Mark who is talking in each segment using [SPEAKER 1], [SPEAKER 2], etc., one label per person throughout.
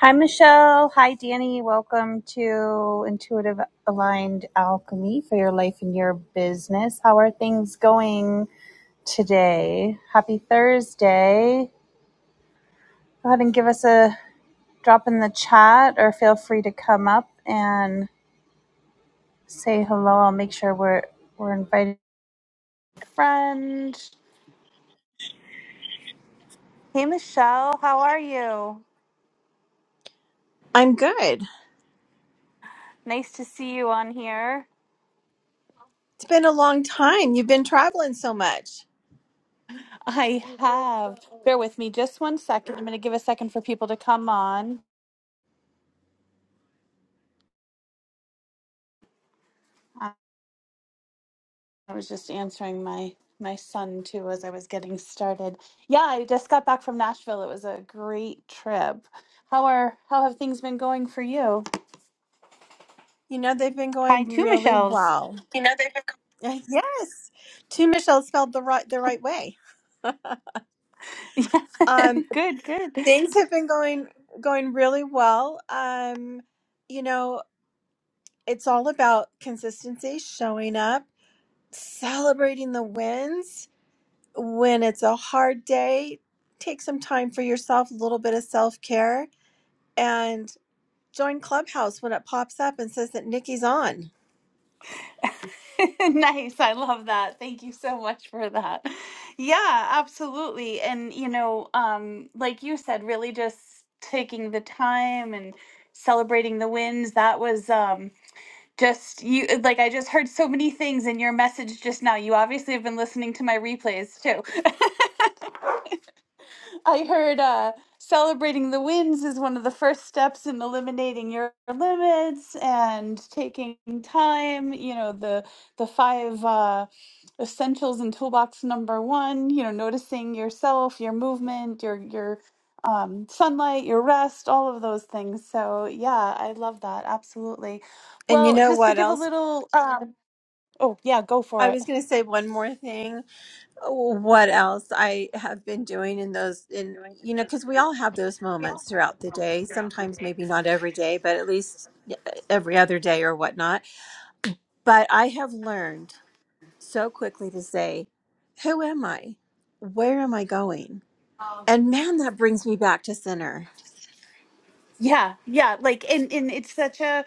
[SPEAKER 1] Hi, Michelle. Hi, Danny. Welcome to Intuitive Aligned Alchemy for your life and your business. How are things going today? Happy Thursday. Go ahead and give us a drop in the chat or feel free to come up and say hello. I'll make sure we're, we're invited. Friend. Hey, Michelle. How are you?
[SPEAKER 2] I'm good.
[SPEAKER 1] Nice to see you on here.
[SPEAKER 2] It's been a long time. You've been traveling so much.
[SPEAKER 1] I have. Bear with me just one second. I'm going to give a second for people to come on. I was just answering my my son too as I was getting started. Yeah, I just got back from Nashville. It was a great trip. How are how have things been going for you?
[SPEAKER 2] You know they've been
[SPEAKER 1] Hi,
[SPEAKER 2] going
[SPEAKER 1] two
[SPEAKER 2] really
[SPEAKER 1] Michelles.
[SPEAKER 2] well. Uh, Yes, two Michelle spelled the right the right way.
[SPEAKER 1] Yeah,
[SPEAKER 2] Um,
[SPEAKER 1] good, good.
[SPEAKER 2] things have been going going really well. Um, you know it's all about consistency, showing up, celebrating the wins. When it's a hard day, take some time for yourself, a little bit of self care, and join Clubhouse when it pops up and says that Nikki's on
[SPEAKER 1] nice. I love that. Thank you so much for that. Yeah, absolutely. And you know, um, like you said, really just taking the time and celebrating the wins. That was um just you uh, like I just heard so many things in your message just now. You obviously have been listening to my replays too. I heard uh, celebrating the wins is one of the first steps in eliminating your limits and taking time. You know, the the five uh, essentials in toolbox number one. You know, noticing yourself, your movement, your your um, sunlight, your rest, all of those things. So yeah, I love that absolutely.
[SPEAKER 2] And you
[SPEAKER 1] Well,
[SPEAKER 2] know
[SPEAKER 1] just to
[SPEAKER 2] what
[SPEAKER 1] give a
[SPEAKER 2] else?
[SPEAKER 1] little, um, oh yeah, go for
[SPEAKER 2] I
[SPEAKER 1] it.
[SPEAKER 2] was going to say one more thing. What else I have been doing in those, in, you know, because we all have those moments throughout the day. Sometimes maybe not every day, but at least yeah, every other day or whatnot. But I have learned so quickly to say, who am I? Where am I going? And man, that brings me back to center.
[SPEAKER 1] Yeah, yeah, like and and it's such a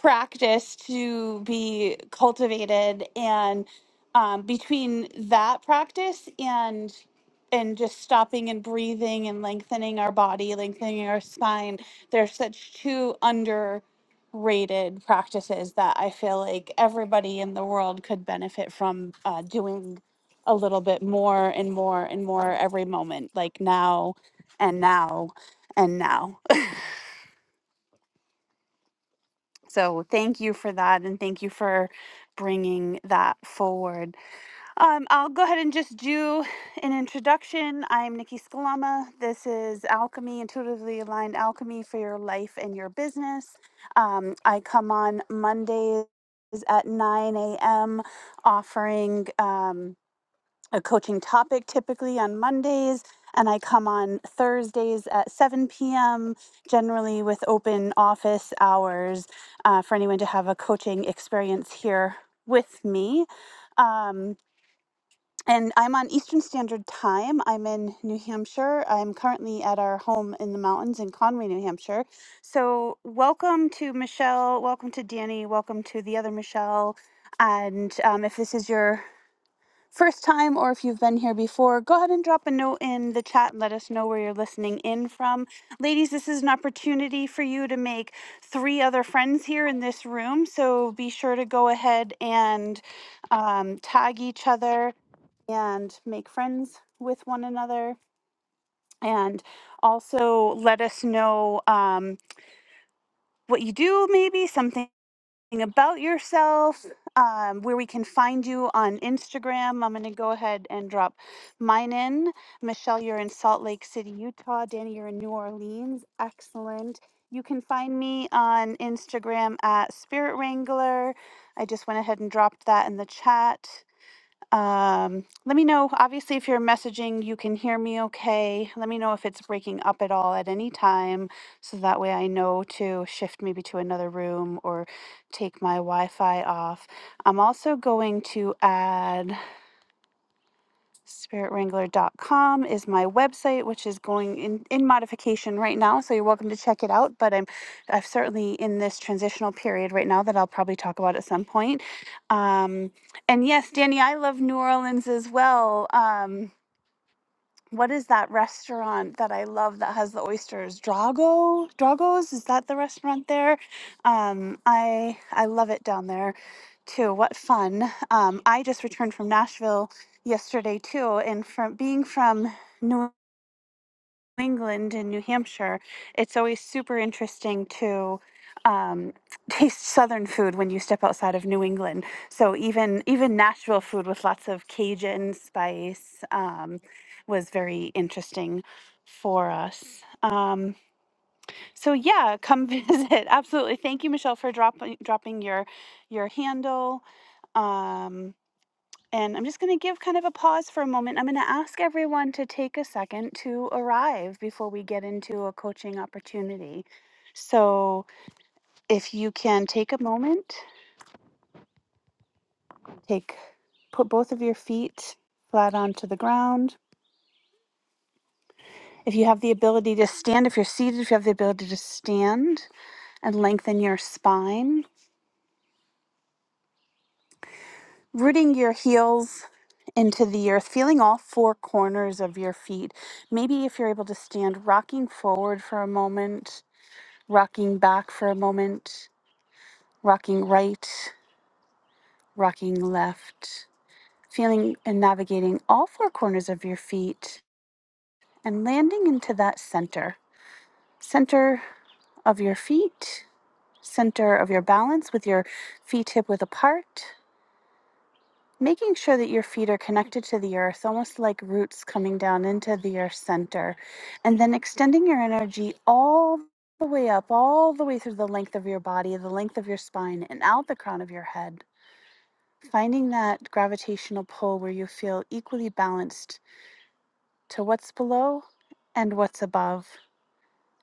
[SPEAKER 1] practice to be cultivated and um between that practice and and just stopping and breathing and lengthening our body, lengthening our spine, they're such two underrated practices that I feel like everybody in the world could benefit from uh, doing a little bit more and more and more every moment, like now and now and now. So thank you for that, and thank you for bringing that forward. Um, I'll go ahead and just do an introduction. I'm Nikki Scalama. This is Alchemy, Intuitively Aligned Alchemy for your life and your business. Um, I come on Mondays at 9 a.m. offering. Um, a coaching topic typically on Mondays, and I come on Thursdays at 7 p.m., generally with open office hours uh, for anyone to have a coaching experience here with me. Um, and I'm on Eastern Standard Time. I'm in New Hampshire. I'm currently at our home in the mountains in Conway, New Hampshire. So, welcome to Michelle. Welcome to Danny. Welcome to the other Michelle. And um, if this is your first time or if you've been here before, go ahead and drop a note in the chat and let us know where you're listening in from. Ladies, this is an opportunity for you to make three other friends here in this room. So be sure to go ahead and um, tag each other and make friends with one another. And also let us know um, what you do, maybe something about yourself, um, where we can find you on Instagram. I'm going to go ahead and drop mine in. Michelle, you're in Salt Lake City, Utah. Danny, you're in New Orleans. Excellent. You can find me on Instagram at Spirit Wrangler. I just went ahead and dropped that in the chat. Um, let me know. Obviously, if you're messaging, you can hear me okay. Let me know if it's breaking up at all at any time so that way I know to shift maybe to another room or take my Wi Fi off. I'm also going to add spiritwrangler.com is my website which is going in, in modification right now so you're welcome to check it out but i'm i've certainly in this transitional period right now that i'll probably talk about at some point um, and yes danny i love new orleans as well um, what is that restaurant that I love that has the oysters? Drago, Drago's is that the restaurant there? Um, I I love it down there, too. What fun! Um, I just returned from Nashville yesterday too, and from being from New. England and New Hampshire, it's always super interesting to um, taste Southern food when you step outside of New England. So even even Nashville food with lots of Cajun spice um, was very interesting for us. Um, so yeah, come visit. Absolutely. Thank you, Michelle, for dropping dropping your your handle. Um, and I'm just going to give kind of a pause for a moment. I'm going to ask everyone to take a second to arrive before we get into a coaching opportunity. So, if you can take a moment, take put both of your feet flat onto the ground. If you have the ability to stand, if you're seated, if you have the ability to stand and lengthen your spine, rooting your heels into the earth, feeling all four corners of your feet. Maybe if you're able to stand, rocking forward for a moment rocking back for a moment, rocking right, rocking left, feeling and navigating all four corners of your feet and landing into that center. Center of your feet, center of your balance with your feet hip width apart, making sure that your feet are connected to the earth, almost like roots coming down into the earth center, and then extending your energy all the way up, all the way through the length of your body, the length of your spine, and out the crown of your head Finding that gravitational pull where you feel equally balanced to what's below and what's above,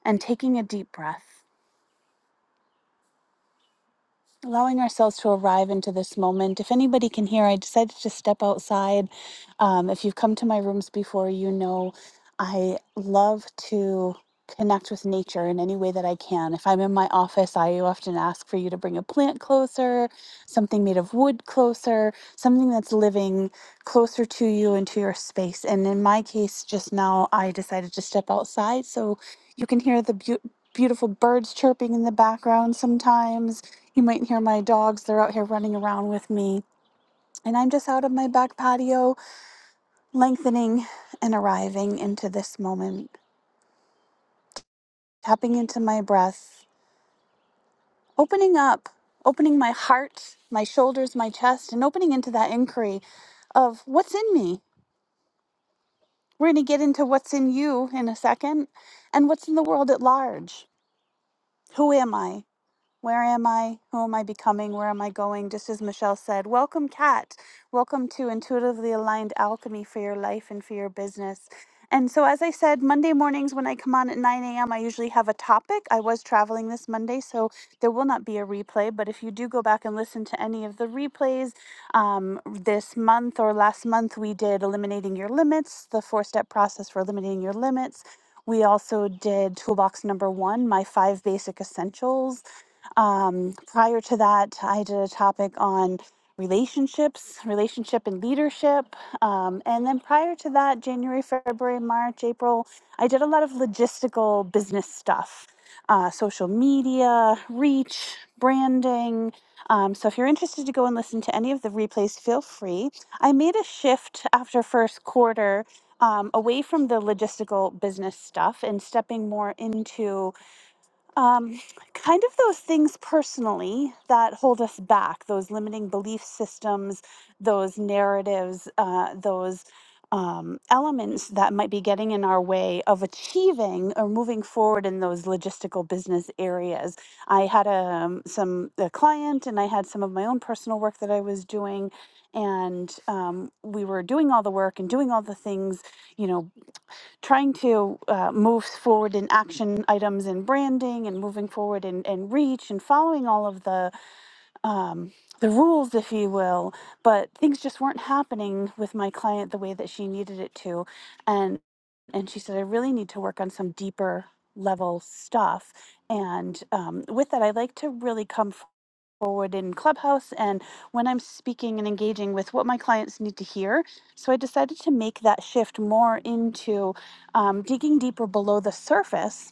[SPEAKER 1] and taking a deep breath. allowing ourselves to arrive into this moment. If anybody can hear, I decided to step outside. Um, if you've come to my rooms before, you know I love to connect with nature in any way that I can. If I'm in my office, I often ask for you to bring a plant closer, something made of wood closer, something that's living closer to you and to your space. And in my case, just now, I decided to step outside so you can hear the beautiful. Beautiful birds chirping in the background sometimes, you might hear my dogs. They're out here running around with me. And I'm just out of my back patio, lengthening and arriving into this moment, tapping into my breath, opening up, opening my heart, my shoulders, my chest, and opening into that inquiry of what's in me. We're going to get into what's in you in a second and what's in the world at large. Who am I? Where am I? Who am I becoming? Where am I going? Just as Michelle said, welcome, Kat. Welcome to Intuitively Aligned Alchemy for your life and for your business. And so, as I said, Monday mornings when I come on at 9 a.m., I usually have a topic. I was traveling this Monday, so there will not be a replay. But if you do go back and listen to any of the replays, um, this month or last month, we did Eliminating Your Limits, the four step process for eliminating your limits. We also did toolbox number one, my five basic essentials um, prior to that, I did a topic on relationships, relationship and leadership. Um, and then prior to that, January, February, March, April, I did a lot of logistical business stuff, uh, social media, reach, branding. Um, so if you're interested to go and listen to any of the replays, feel free. I made a shift after first quarter um, away from the logistical business stuff and stepping more into um, kind of those things personally that hold us back those limiting belief systems those narratives uh, those um, elements that might be getting in our way of achieving or moving forward in those logistical business areas i had um, some a client and i had some of my own personal work that i was doing and um, we were doing all the work and doing all the things you know trying to uh, move forward in action items and branding and moving forward in, in reach and following all of the um, the rules if you will but things just weren't happening with my client the way that she needed it to and and she said i really need to work on some deeper level stuff and um, with that i like to really come forward in Clubhouse and when I'm speaking and engaging with what my clients need to hear. So I decided to make that shift more into um, digging deeper below the surface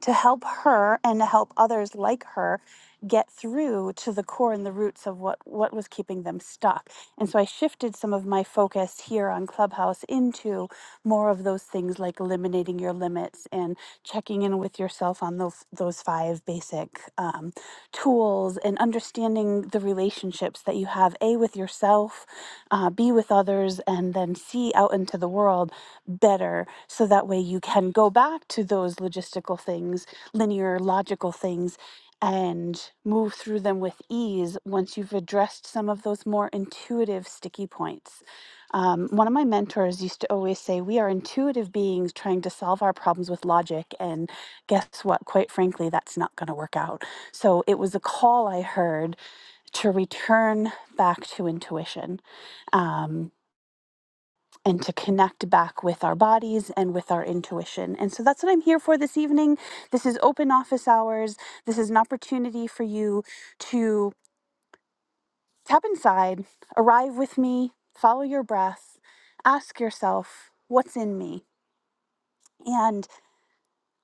[SPEAKER 1] to help her and to help others like her get through to the core and the roots of what what was keeping them stuck. And so I shifted some of my focus here on Clubhouse into more of those things like eliminating your limits and checking in with yourself on those those five basic um, tools and understanding the relationships that you have a with yourself, uh, b with others, and then c out into the world better so that way you can go back to those logistical things, linear logical things, and move through them with ease once you've addressed some of those more intuitive sticky points. Um, one of my mentors used to always say, We are intuitive beings trying to solve our problems with logic. And guess what? Quite frankly, that's not going to work out. So it was a call I heard to return back to intuition. Um, and to connect back with our bodies and with our intuition. And so that's what I'm here for this evening. This is open office hours. This is an opportunity for you to tap inside, arrive with me, follow your breath, ask yourself, what's in me? And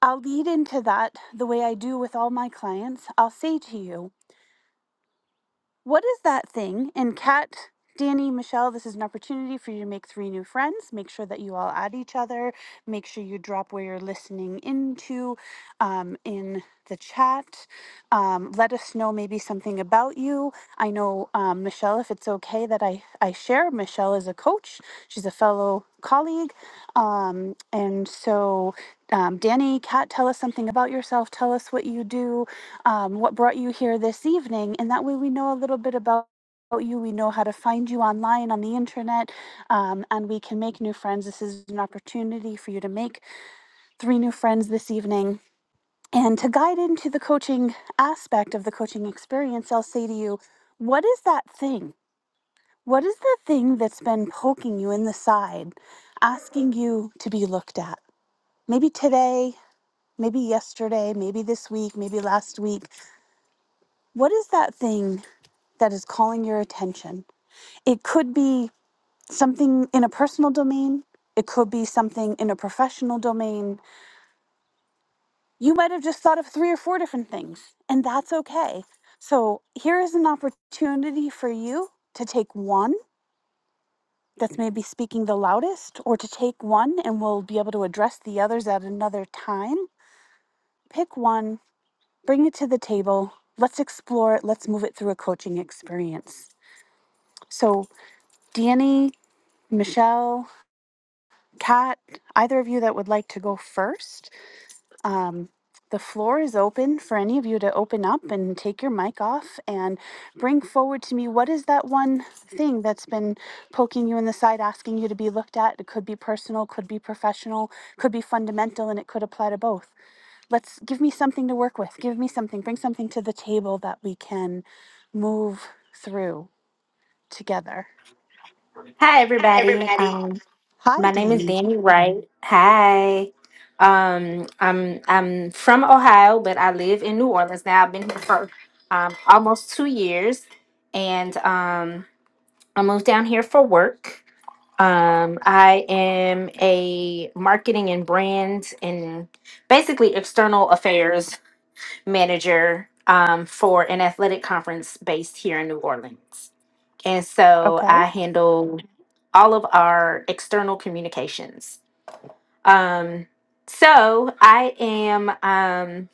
[SPEAKER 1] I'll lead into that the way I do with all my clients. I'll say to you, What is that thing? And Kat, Danny, Michelle, this is an opportunity for you to make three new friends. Make sure that you all add each other. Make sure you drop where you're listening into um, in the chat. Um, let us know maybe something about you. I know, um, Michelle, if it's okay that I, I share, Michelle is a coach, she's a fellow colleague. Um, and so, um, Danny, Kat, tell us something about yourself. Tell us what you do um, what brought you here this evening. And that way we know a little bit about you. We know how to find you online on the internet, um, and we can make new friends. This is an opportunity for you to make three new friends this evening. And to guide into the coaching aspect of the coaching experience, I'll say to you, what is that thing? What is the thing that's been poking you in the side, asking you to be looked at? Maybe today, maybe yesterday, maybe this week, maybe last week. What is that thing that is calling your attention. It could be something in a personal domain, it could be something in a professional domain. You might have just thought of three or four different things, and that's okay. So, here is an opportunity for you to take one that's maybe speaking the loudest, or to take one and we'll be able to address the others at another time. Pick one, bring it to the table. Let's explore it. Let's move it through a coaching experience. So, Danny, Michelle, Kat, either of you that would like to go first, um, the floor is open for any of you to open up and take your mic off and bring forward to me what is that one thing that's been poking you in the side, asking you to be looked at. It could be personal, could be professional, could be fundamental, and it could apply to both. Let's give me something to work with. Give me something. Bring something to the table that we can move through together.
[SPEAKER 3] Hi, everybody. Um,
[SPEAKER 1] Hi,
[SPEAKER 3] my name is
[SPEAKER 1] Danny.
[SPEAKER 3] Danny Wright. Hi. Um, I'm I'm from Ohio, but I live in New Orleans now. I've been here for um, almost two years, and um, I moved down here for work. Um, I am a marketing and brand and basically external affairs manager um, for an athletic conference based here in New Orleans. And so
[SPEAKER 1] Okay.
[SPEAKER 3] I handle all of our external communications. Um, so I am um,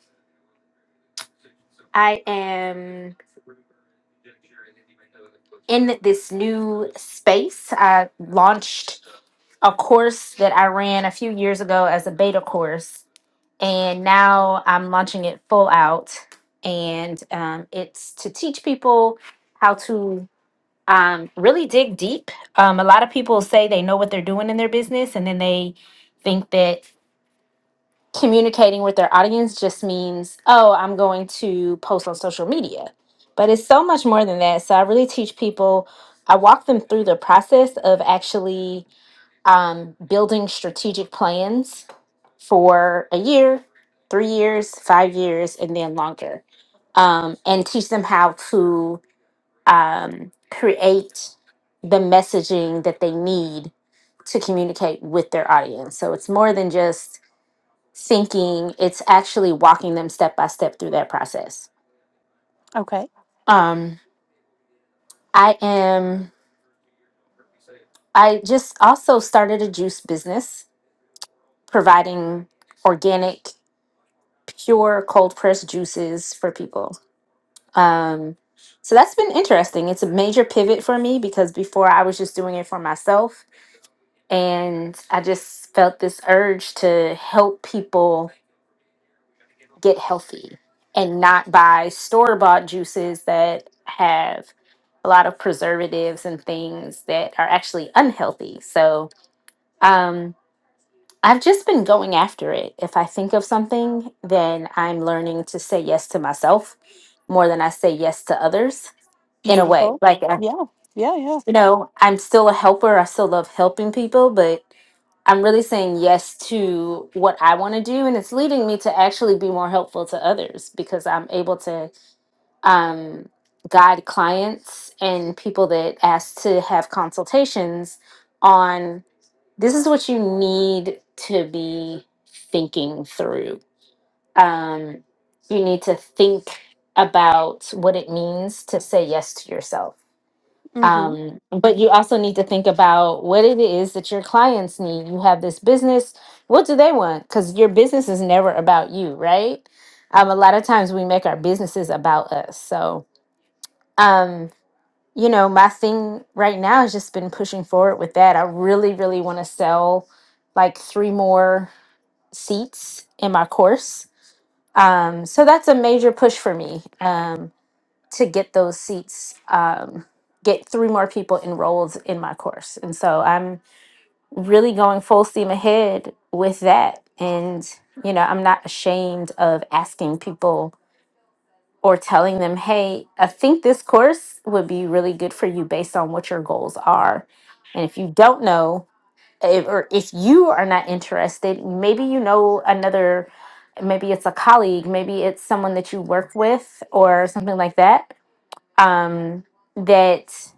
[SPEAKER 3] I am in this new space. I launched a course that I ran a few years ago as a beta course, and now I'm launching it full out. And um, it's to teach people how to um, really dig deep. Um, a lot of people say they know what they're doing in their business, and then they think that communicating with their audience just means, oh, I'm going to post on social media. But it's so much more than that. So I really teach people, I walk them through the process of actually um, building strategic plans for a year, three years, five years, and then longer. Um, and teach them how to um, create the messaging that they need to communicate with their audience. So it's more than just thinking, it's actually walking them step by step through that process.
[SPEAKER 1] Okay.
[SPEAKER 3] Um, I am, I just also started a juice business providing organic, pure cold pressed juices for people. Um, so that's been interesting. It's a major pivot for me because before I was just doing it for myself And I just felt this urge to help people get healthy and not buy store bought juices that have a lot of preservatives and things that are actually unhealthy. So um, I've just been going after it. If I think of something, then I'm learning to say yes to myself more than I say yes to others in a way.
[SPEAKER 1] Beautiful.
[SPEAKER 3] Like, uh,
[SPEAKER 1] Yeah. Yeah. Yeah.
[SPEAKER 3] you know, I'm still a helper, I still love helping people, but I'm really saying yes to what I want to do, and it's leading me to actually be more helpful to others because I'm able to um, guide clients and people that ask to have consultations on this is what you need to be thinking through. Um, you need to think about what it means to say yes to yourself
[SPEAKER 1] Mm-hmm.
[SPEAKER 3] um, but you also need to think about what it is that your clients need you have this business what do they want because your business is never about you right um, a lot of times we make our businesses about us so um, you know my thing right now has just been pushing forward with that i really really want to sell like three more seats in my course um, so that's a major push for me Um, to get those seats um, get three more people enrolled in my course and so i'm really going full steam ahead with that and you know i'm not ashamed of asking people or telling them hey i think this course would be really good for you based on what your goals are and if you don't know if, or if you are not interested maybe you know another maybe it's a colleague maybe it's someone that you work with or something like that um, that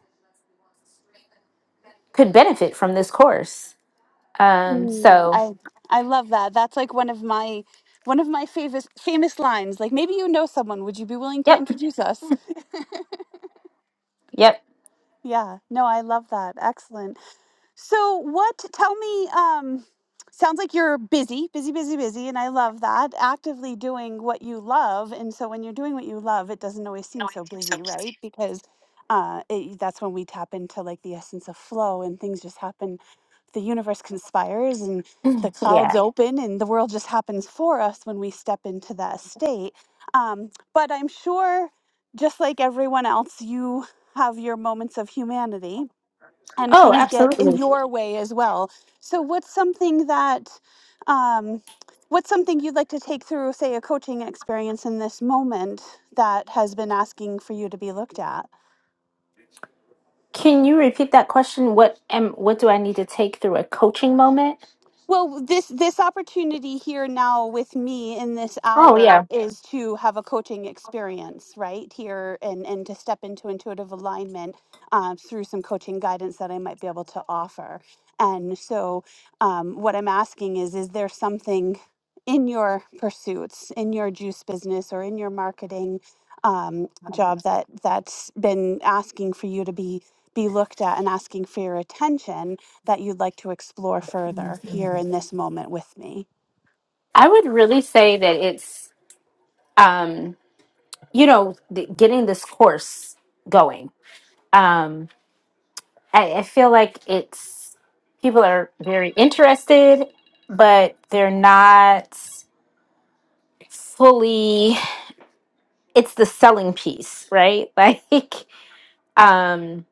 [SPEAKER 3] could benefit from this course. Um, so,
[SPEAKER 1] I I love that. That's like one of my one of my famous famous lines. Like maybe you know someone. Would you be willing to
[SPEAKER 3] yep,
[SPEAKER 1] introduce us?
[SPEAKER 3] yep,
[SPEAKER 1] Yeah. No, I love that. Excellent. So what? Tell me. Um, sounds like you're busy, busy, busy, busy, and I love that. Actively doing what you love, and so when you're doing what you love, it doesn't always seem so busy, right? Because uh, it, that's when we tap into like the essence of flow, and things just happen the universe conspires and the clouds
[SPEAKER 3] yeah.
[SPEAKER 1] open and the world just happens for us when we step into that state. Um, but I'm sure, just like everyone else, you have your moments of humanity and
[SPEAKER 3] Oh,
[SPEAKER 1] things get in
[SPEAKER 3] absolutely.
[SPEAKER 1] your way as well. So, what's something that, um, what's something you'd like to take through, say, a coaching experience in this moment that has been asking for you to be looked at?
[SPEAKER 3] Can you repeat that question? What am what do I need to take through a coaching moment?
[SPEAKER 1] Well, this this opportunity here now with me in this
[SPEAKER 3] Oh,
[SPEAKER 1] hour
[SPEAKER 3] yeah.
[SPEAKER 1] is to have a coaching experience right here and and to step into intuitive alignment um, through some coaching guidance that I might be able to offer. And so, um, what I'm asking is, is there something in your pursuits, in your juice business, or in your marketing um, job that that's been asking for you to be be looked at and asking for your attention? that you'd like to explore further here in this moment with me.
[SPEAKER 3] I would really say that it's um, you know th- getting this course going. Um, I, I feel like it's people are very interested, but they're not fully. it's the selling piece, right? Like, um,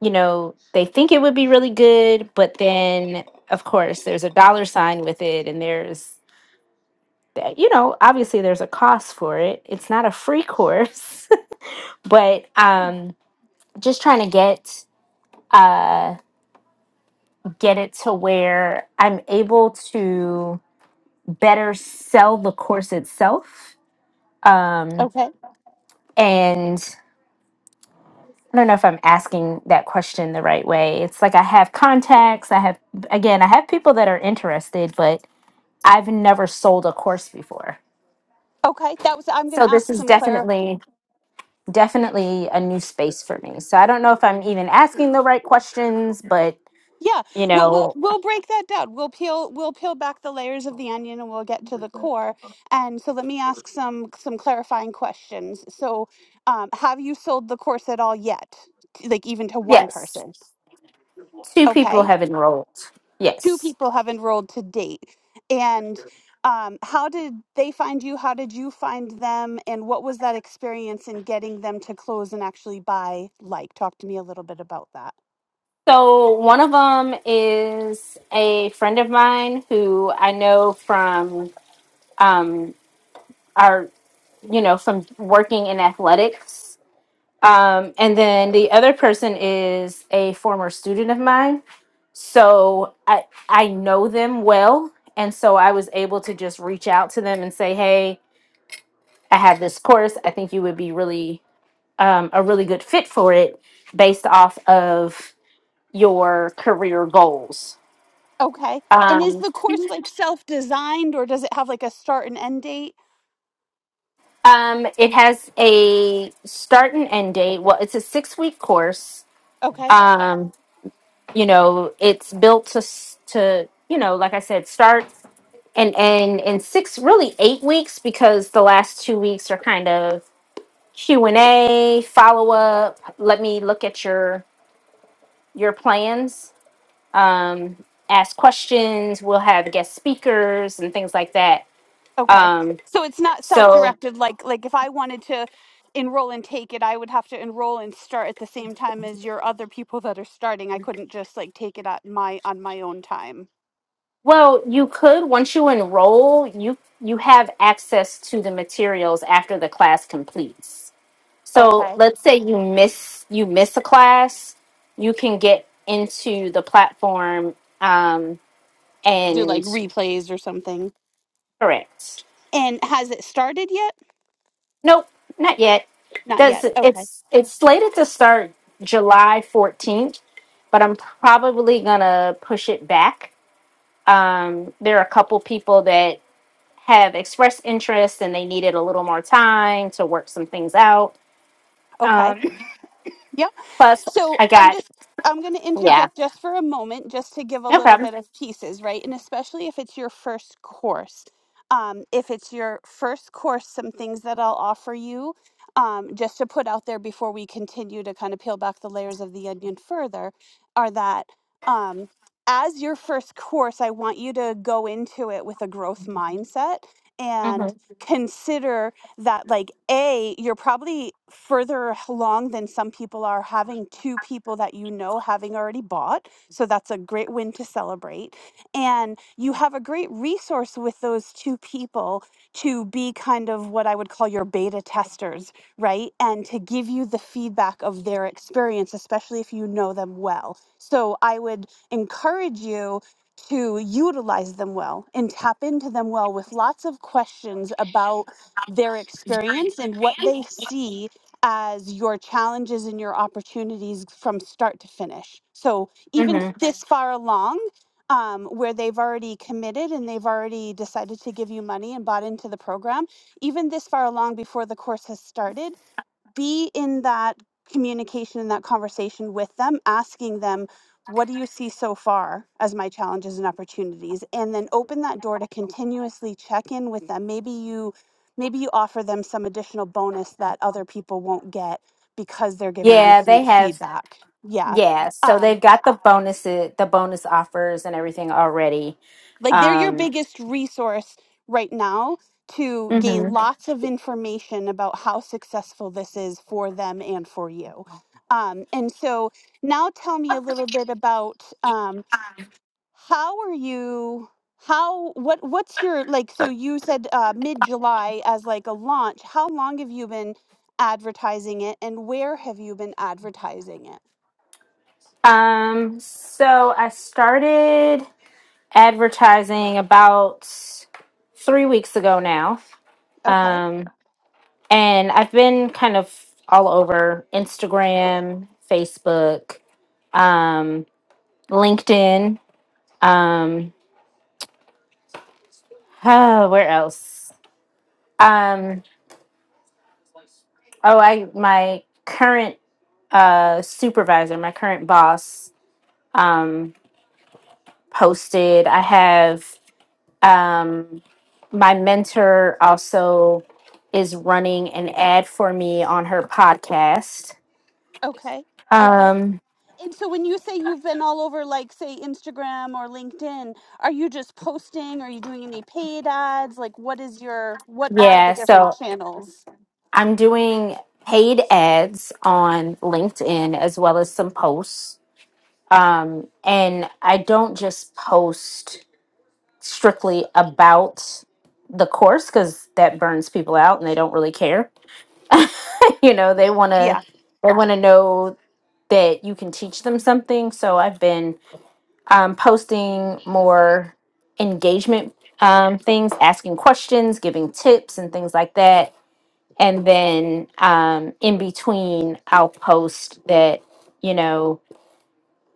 [SPEAKER 3] you know, they think it would be really good, but then of course there's a dollar sign with it, and there's, you know, obviously there's a cost for it. It's not a free course, but um, just trying to get uh get it to where I'm able to better sell the course itself. Um,
[SPEAKER 1] Okay.
[SPEAKER 3] and I don't know if I'm asking that question the right way. It's like I have contacts. I have, again, I have people that are interested, but I've never sold a course before.
[SPEAKER 1] Okay. That was I'm going
[SPEAKER 3] So
[SPEAKER 1] to
[SPEAKER 3] this
[SPEAKER 1] ask
[SPEAKER 3] is
[SPEAKER 1] some clar
[SPEAKER 3] definitely, definitely a new space for me. So I don't know if I'm even asking the right questions, but,
[SPEAKER 1] Yeah.
[SPEAKER 3] you
[SPEAKER 1] Well, we'll
[SPEAKER 3] know,
[SPEAKER 1] we'll break that down. We'll peel we'll peel back the layers of the onion and we'll get to the core. And so let me ask some some clarifying questions. So, um have you sold the course at all yet? Like even to one
[SPEAKER 3] yes,
[SPEAKER 1] person?
[SPEAKER 3] two
[SPEAKER 1] Okay.
[SPEAKER 3] people have enrolled.
[SPEAKER 1] two
[SPEAKER 3] Yes.
[SPEAKER 1] people have enrolled to date. And um, how did they find you? How did you find them? And what was that experience in getting them to close and actually buy like? Talk to me a little bit about that.
[SPEAKER 3] So one of them is a friend of mine who I know from um, our you know, from working in athletics. Um, and then the other person is a former student of mine. So I I know them well. And so I was able to just reach out to them and say, hey, I have this course. I think you would be really um, a really good fit for it based off of your career goals.
[SPEAKER 1] Okay. And is
[SPEAKER 3] Um,
[SPEAKER 1] the course like self designed or does it have like a start and end date?
[SPEAKER 3] um, it has a start and end date. Well, it's a six week course.
[SPEAKER 1] Okay.
[SPEAKER 3] Um, you know it's built to s- to you know like i said start and and in six really eight weeks because the last two weeks are kind of q&a follow-up let me look at your your plans um, ask questions we'll have guest speakers and things like that
[SPEAKER 1] Okay.
[SPEAKER 3] um,
[SPEAKER 1] So it's not
[SPEAKER 3] so
[SPEAKER 1] self-directed like like if I wanted to enroll and take it, I would have to enroll and start at the same time as your other people that are starting. I couldn't just like take it at my on my own time.
[SPEAKER 3] well you could once you enroll you you have access to the materials after the class completes So
[SPEAKER 1] Okay.
[SPEAKER 3] let's say you miss you miss a class, you can get into the platform um,
[SPEAKER 1] Do like
[SPEAKER 3] and
[SPEAKER 1] replays or something.
[SPEAKER 3] correct.
[SPEAKER 1] And has it started yet?
[SPEAKER 3] Nope, not yet.
[SPEAKER 1] Not
[SPEAKER 3] Does
[SPEAKER 1] yet. Okay.
[SPEAKER 3] it's it's slated to start July fourteenth, but I'm probably gonna push it back. Um, there are a couple people that have expressed interest and they needed a little more time to work some things out.
[SPEAKER 1] Okay.
[SPEAKER 3] Um,
[SPEAKER 1] Yep.
[SPEAKER 3] plus,
[SPEAKER 1] So
[SPEAKER 3] I
[SPEAKER 1] I'm
[SPEAKER 3] got
[SPEAKER 1] just I'm going to
[SPEAKER 3] yeah,
[SPEAKER 1] interject just for a moment, just to give a
[SPEAKER 3] no
[SPEAKER 1] little
[SPEAKER 3] problem.
[SPEAKER 1] bit of pieces, right? And especially if it's your first course. Um, if it's your first course, some things that I'll offer you um, just to put out there before we continue to kind of peel back the layers of the onion further are that um, as your first course, I want you to go into it with a growth mindset and
[SPEAKER 3] hmm
[SPEAKER 1] consider that like a you're probably further along than some people are having two people that you know having already bought so that's a great win to celebrate and you have a great resource with those two people to be kind of what i would call your beta testers right and to give you the feedback of their experience especially if you know them well so i would encourage you to utilize them well and tap into them well with lots of questions about their experience and what they see as your challenges and your opportunities from start to finish. So even this far along, um, where they've already committed and they've already decided to give you money and bought into the program, even this far along before the course has started, be in that communication and that conversation with them, asking them, what do you see so far as my challenges and opportunities? And then open that door to continuously check in with them. Maybe you maybe you offer them some additional bonus that other people won't get because they're giving you
[SPEAKER 3] Yeah, they
[SPEAKER 1] feed-
[SPEAKER 3] have.
[SPEAKER 1] feedback. Yeah.
[SPEAKER 3] Yeah, so
[SPEAKER 1] Um,
[SPEAKER 3] they've got the bonuses, the bonus offers, and everything already.
[SPEAKER 1] Like they're your
[SPEAKER 3] Um,
[SPEAKER 1] biggest resource right now to gain Mhm.
[SPEAKER 3] mhm.
[SPEAKER 1] lots of information about how successful this is for them and for you. Um, and so now tell me a little bit about um, how are you how what what's your like so you said uh, mid July as like a launch. How long have you been advertising it and where have you been advertising it?
[SPEAKER 3] um. So I started advertising about three weeks ago now,
[SPEAKER 1] Okay.
[SPEAKER 3] um, and I've been kind of all over Instagram, Facebook, um, LinkedIn. Um, oh, where else? Um, Oh, I my current uh supervisor, my current boss, um posted. I have um my mentor also is running an ad for me on her podcast.
[SPEAKER 1] Okay. Okay.
[SPEAKER 3] Um
[SPEAKER 1] And so when you say you've been all over like say Instagram or LinkedIn, are you just posting? Are you doing any paid ads? Like what is your what are the
[SPEAKER 3] yeah,
[SPEAKER 1] different
[SPEAKER 3] so
[SPEAKER 1] channels?
[SPEAKER 3] I'm doing paid ads on LinkedIn as well as some posts. Um and I don't just post strictly about the course because that burns people out and they don't really care. you know, they want to
[SPEAKER 1] Yeah.
[SPEAKER 3] they want to know that you can teach them something. So I've been um, posting more engagement um, things, asking questions, giving tips, and things like that. And then um, in between, I'll post that you know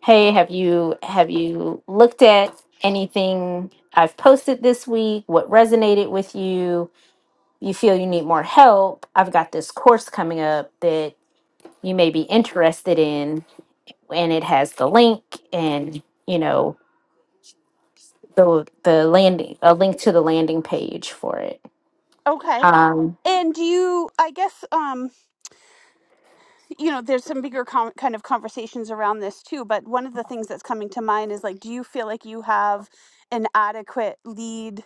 [SPEAKER 3] hey have you have you looked at anything i've posted this week what resonated with you you feel you need more help i've got this course coming up that you may be interested in and it has the link and you know the the landing a link to the landing page for it
[SPEAKER 1] Okay.
[SPEAKER 3] um
[SPEAKER 1] And do you I guess um you know there's some bigger com- kind of conversations around this too, but one of the things that's coming to mind is like do you feel like you have an adequate lead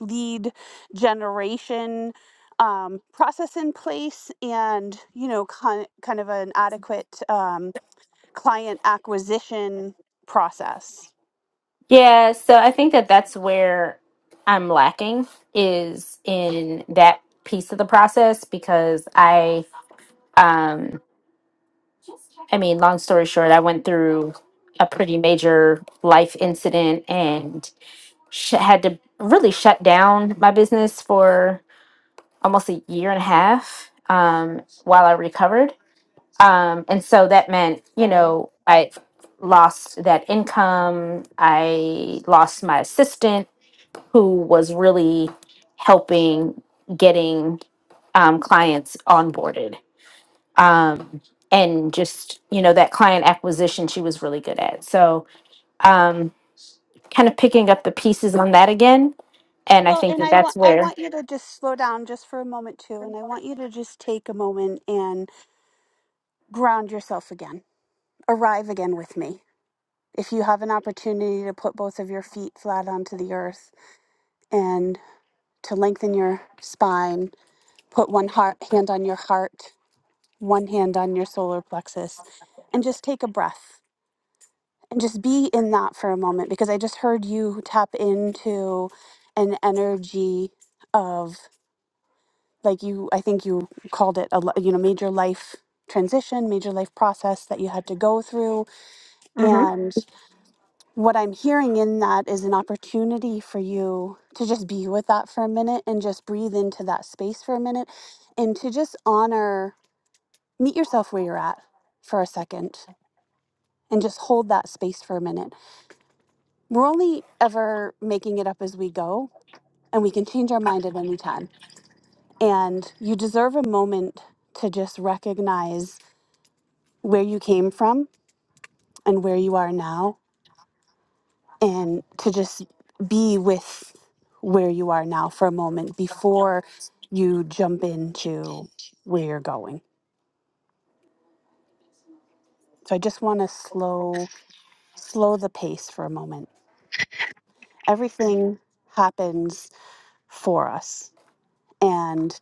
[SPEAKER 1] lead generation um, process in place and you know kind, kind of an adequate um, client acquisition process.
[SPEAKER 3] yeah so i think that that's where i'm lacking is in that piece of the process because i um I mean, long story short, I went through a pretty major life incident and sh- had to really shut down my business for almost a year and a half um, while I recovered. Um, and so that meant, you know, I lost that income. I lost my assistant who was really helping getting um, clients onboarded um, and just you know that client acquisition she was really good at so um, kind of picking up the pieces on that again and i
[SPEAKER 1] Well,
[SPEAKER 3] think
[SPEAKER 1] and
[SPEAKER 3] that
[SPEAKER 1] I want
[SPEAKER 3] that's
[SPEAKER 1] I
[SPEAKER 3] where
[SPEAKER 1] want you to just slow down just for a moment too, and I want you to just take a moment and ground yourself again. Arrive again with me. If you have an opportunity to put both of your feet flat onto the earth and to lengthen your spine, put one heart, hand on your heart, one hand on your solar plexus, and just take a breath. and just be in that for a moment because I just heard you tap into an energy of like you I think you called it a li- you know major life transition, major life process that you had to go through
[SPEAKER 3] hmm
[SPEAKER 1] and what I'm hearing in that is an opportunity for you to just be with that for a minute and just breathe into that space for a minute and to just honor meet yourself where you're at for a second and just hold that space for a minute we're only ever making it up as we go, and we can change our mind at any time. And you deserve a moment to just recognize where you came from and where you are now, and to just be with where you are now for a moment before you jump into where you're going. So I just want to slow slow the pace for a moment. Everything happens for us and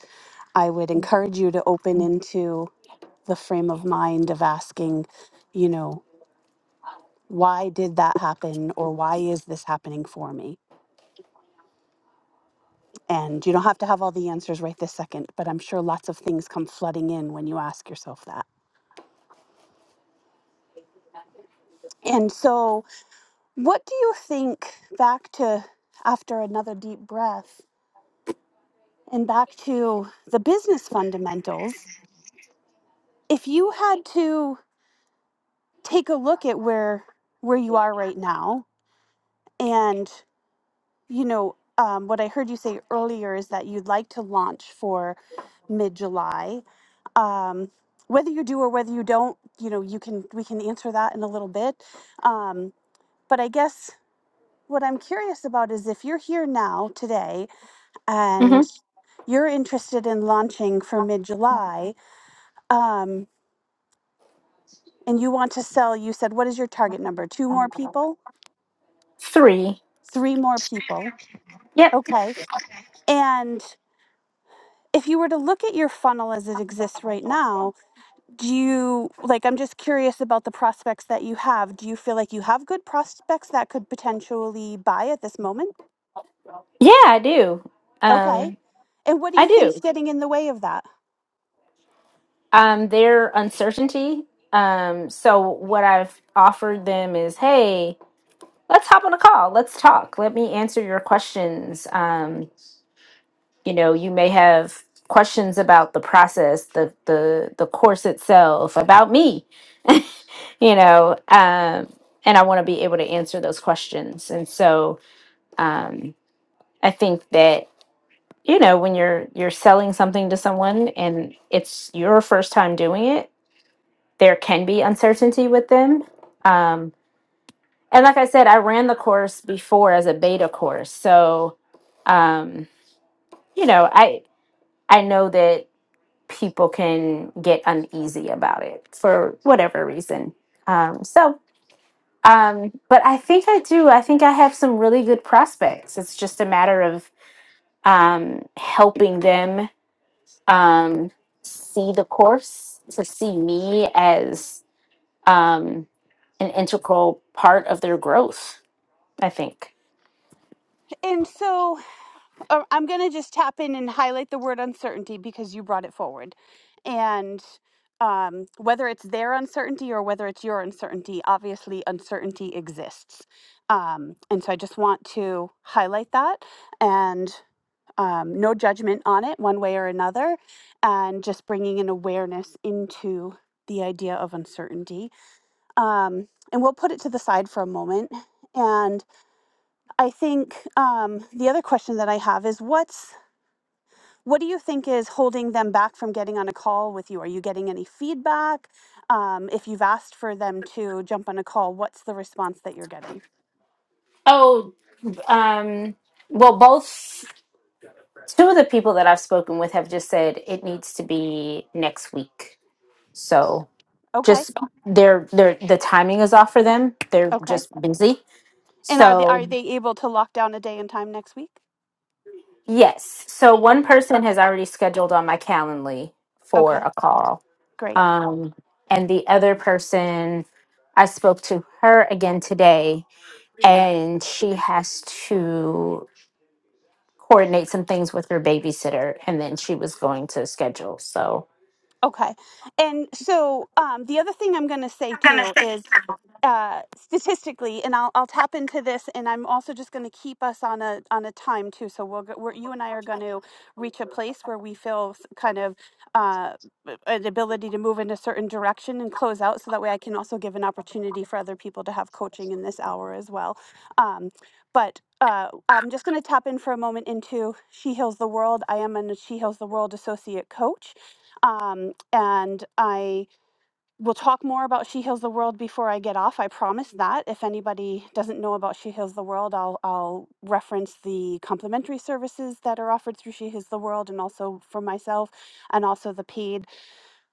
[SPEAKER 1] I would encourage you to open into the frame of mind of asking, you know, why did that happen or why is this happening for me? And you don't have to have all the answers right this second, but I'm sure lots of things come flooding in when you ask yourself that. And so, what do you think back to after another deep breath and back to the business fundamentals? If you had to take a look at where where you are right now and you know, um, what I heard you say earlier is that you'd like to launch for mid July. Um, whether you do or whether you don't, you know, you can we can answer that in a little bit. Um, but I guess what I'm curious about is if you're here now today
[SPEAKER 3] hmm
[SPEAKER 1] and you're interested in launching for mid July, um, and you want to sell, you said, what is your target number? Two more people?
[SPEAKER 3] three
[SPEAKER 1] Three more people?
[SPEAKER 3] yep
[SPEAKER 1] Okay. And if you were to look at your funnel as it exists right now, do you like i'm just curious about the prospects that you have do you feel like you have good prospects that could potentially buy at this moment
[SPEAKER 3] yeah i do
[SPEAKER 1] okay
[SPEAKER 3] um,
[SPEAKER 1] and what do
[SPEAKER 3] i
[SPEAKER 1] you think's
[SPEAKER 3] do
[SPEAKER 1] getting in the way of that
[SPEAKER 3] um, their uncertainty um, so what i've offered them is hey let's hop on a call let's talk let me answer your questions um. you know you may have questions about the process the the the course itself about me you know um and i want to be able to answer those questions and so um i think that you know when you're you're selling something to someone and it's your first time doing it there can be uncertainty with them um and like i said i ran the course before as a beta course so um you know i i know that people can get uneasy about it for whatever reason. Um, so, um, but I think I do. I think I have some really good prospects. It's just a matter of um, helping them um, see the course, to see me as um, an integral part of their growth, I think.
[SPEAKER 1] and so uh, i'm going to just tap in and highlight the word uncertainty because you brought it forward and um, whether it's their uncertainty or whether it's your uncertainty obviously uncertainty exists um, and so i just want to highlight that and um, no judgment on it one way or another, and just bringing an awareness into the idea of uncertainty. Um, and we'll put it to the side for a moment. And I think um, the other question that I have is what's what do you think is holding them back from getting on a call with you? Are you getting any feedback? Um, if you've asked for them to jump on a call, what's the response that you're getting?
[SPEAKER 3] Oh, um, well, both two of the people that I've spoken with have just said it needs to be next week So
[SPEAKER 1] Okay.
[SPEAKER 3] just they're they're the timing is off for them. They're
[SPEAKER 1] Okay.
[SPEAKER 3] just busy.
[SPEAKER 1] And are they are
[SPEAKER 3] So
[SPEAKER 1] they able to lock down a day and time next week?
[SPEAKER 3] yes. So
[SPEAKER 1] Oh,
[SPEAKER 3] one person has already scheduled on my Calendly for
[SPEAKER 1] okay,
[SPEAKER 3] a call.
[SPEAKER 1] great.
[SPEAKER 3] Um and the other person I spoke to her again today and she has to coordinate some things with her babysitter and then she was going to schedule. So
[SPEAKER 1] Okay. And so um, the other thing I'm going to say too is uh, statistically, and I'll, I'll tap into this, and I'm also just going to keep us on a on a time too. So we'll go, we're, you and I are going to reach a place where we feel s- kind of uh, an ability to move in a certain direction and close out, so that way I can also give an opportunity for other people to have coaching in this hour as well. Um, but uh, I'm just going to tap in for a moment into She Heals the World. I am a She Heals the World associate coach. Um, and I will talk more about She Heals the World before I get off. I promise that. If anybody doesn't know about She Heals the World, I'll I'll reference the complimentary services that are offered through She Heals the World, and also for myself, and also the paid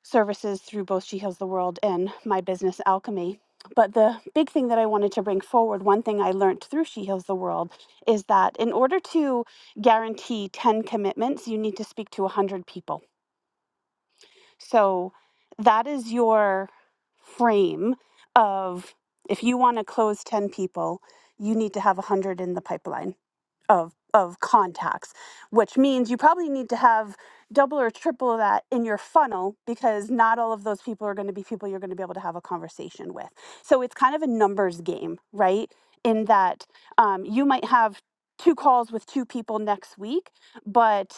[SPEAKER 1] services through both She Heals the World and my business Alchemy. But the big thing that I wanted to bring forward, one thing I learned through She Heals the World, is that in order to guarantee 10 commitments, you need to speak to 100 people so that is your frame of if you want to close 10 people, you need to have 100 in the pipeline of of contacts, which means you probably need to have double or triple that in your funnel because not all of those people are going to be people you're going to be able to have a conversation with. So it's kind of a numbers game, right? In that um, you might have two calls with two people next week, but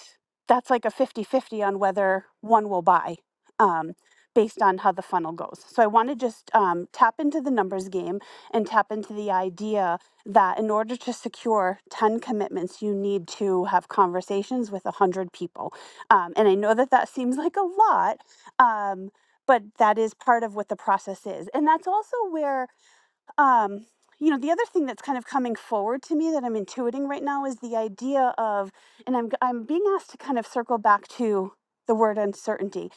[SPEAKER 1] that's like a 50 50 on whether one will buy um, based on how the funnel goes. So I want to just um, tap into the numbers game and tap into the idea that in order to secure 10 commitments, you need to have conversations with 100 people. Um, and I know that that seems like a lot, um, but that is part of what the process is. And that's also where um, you know, the other thing that's kind of coming forward to me that I'm intuiting right now is the idea of, and I'm I'm being asked to kind of circle back to the word uncertainty,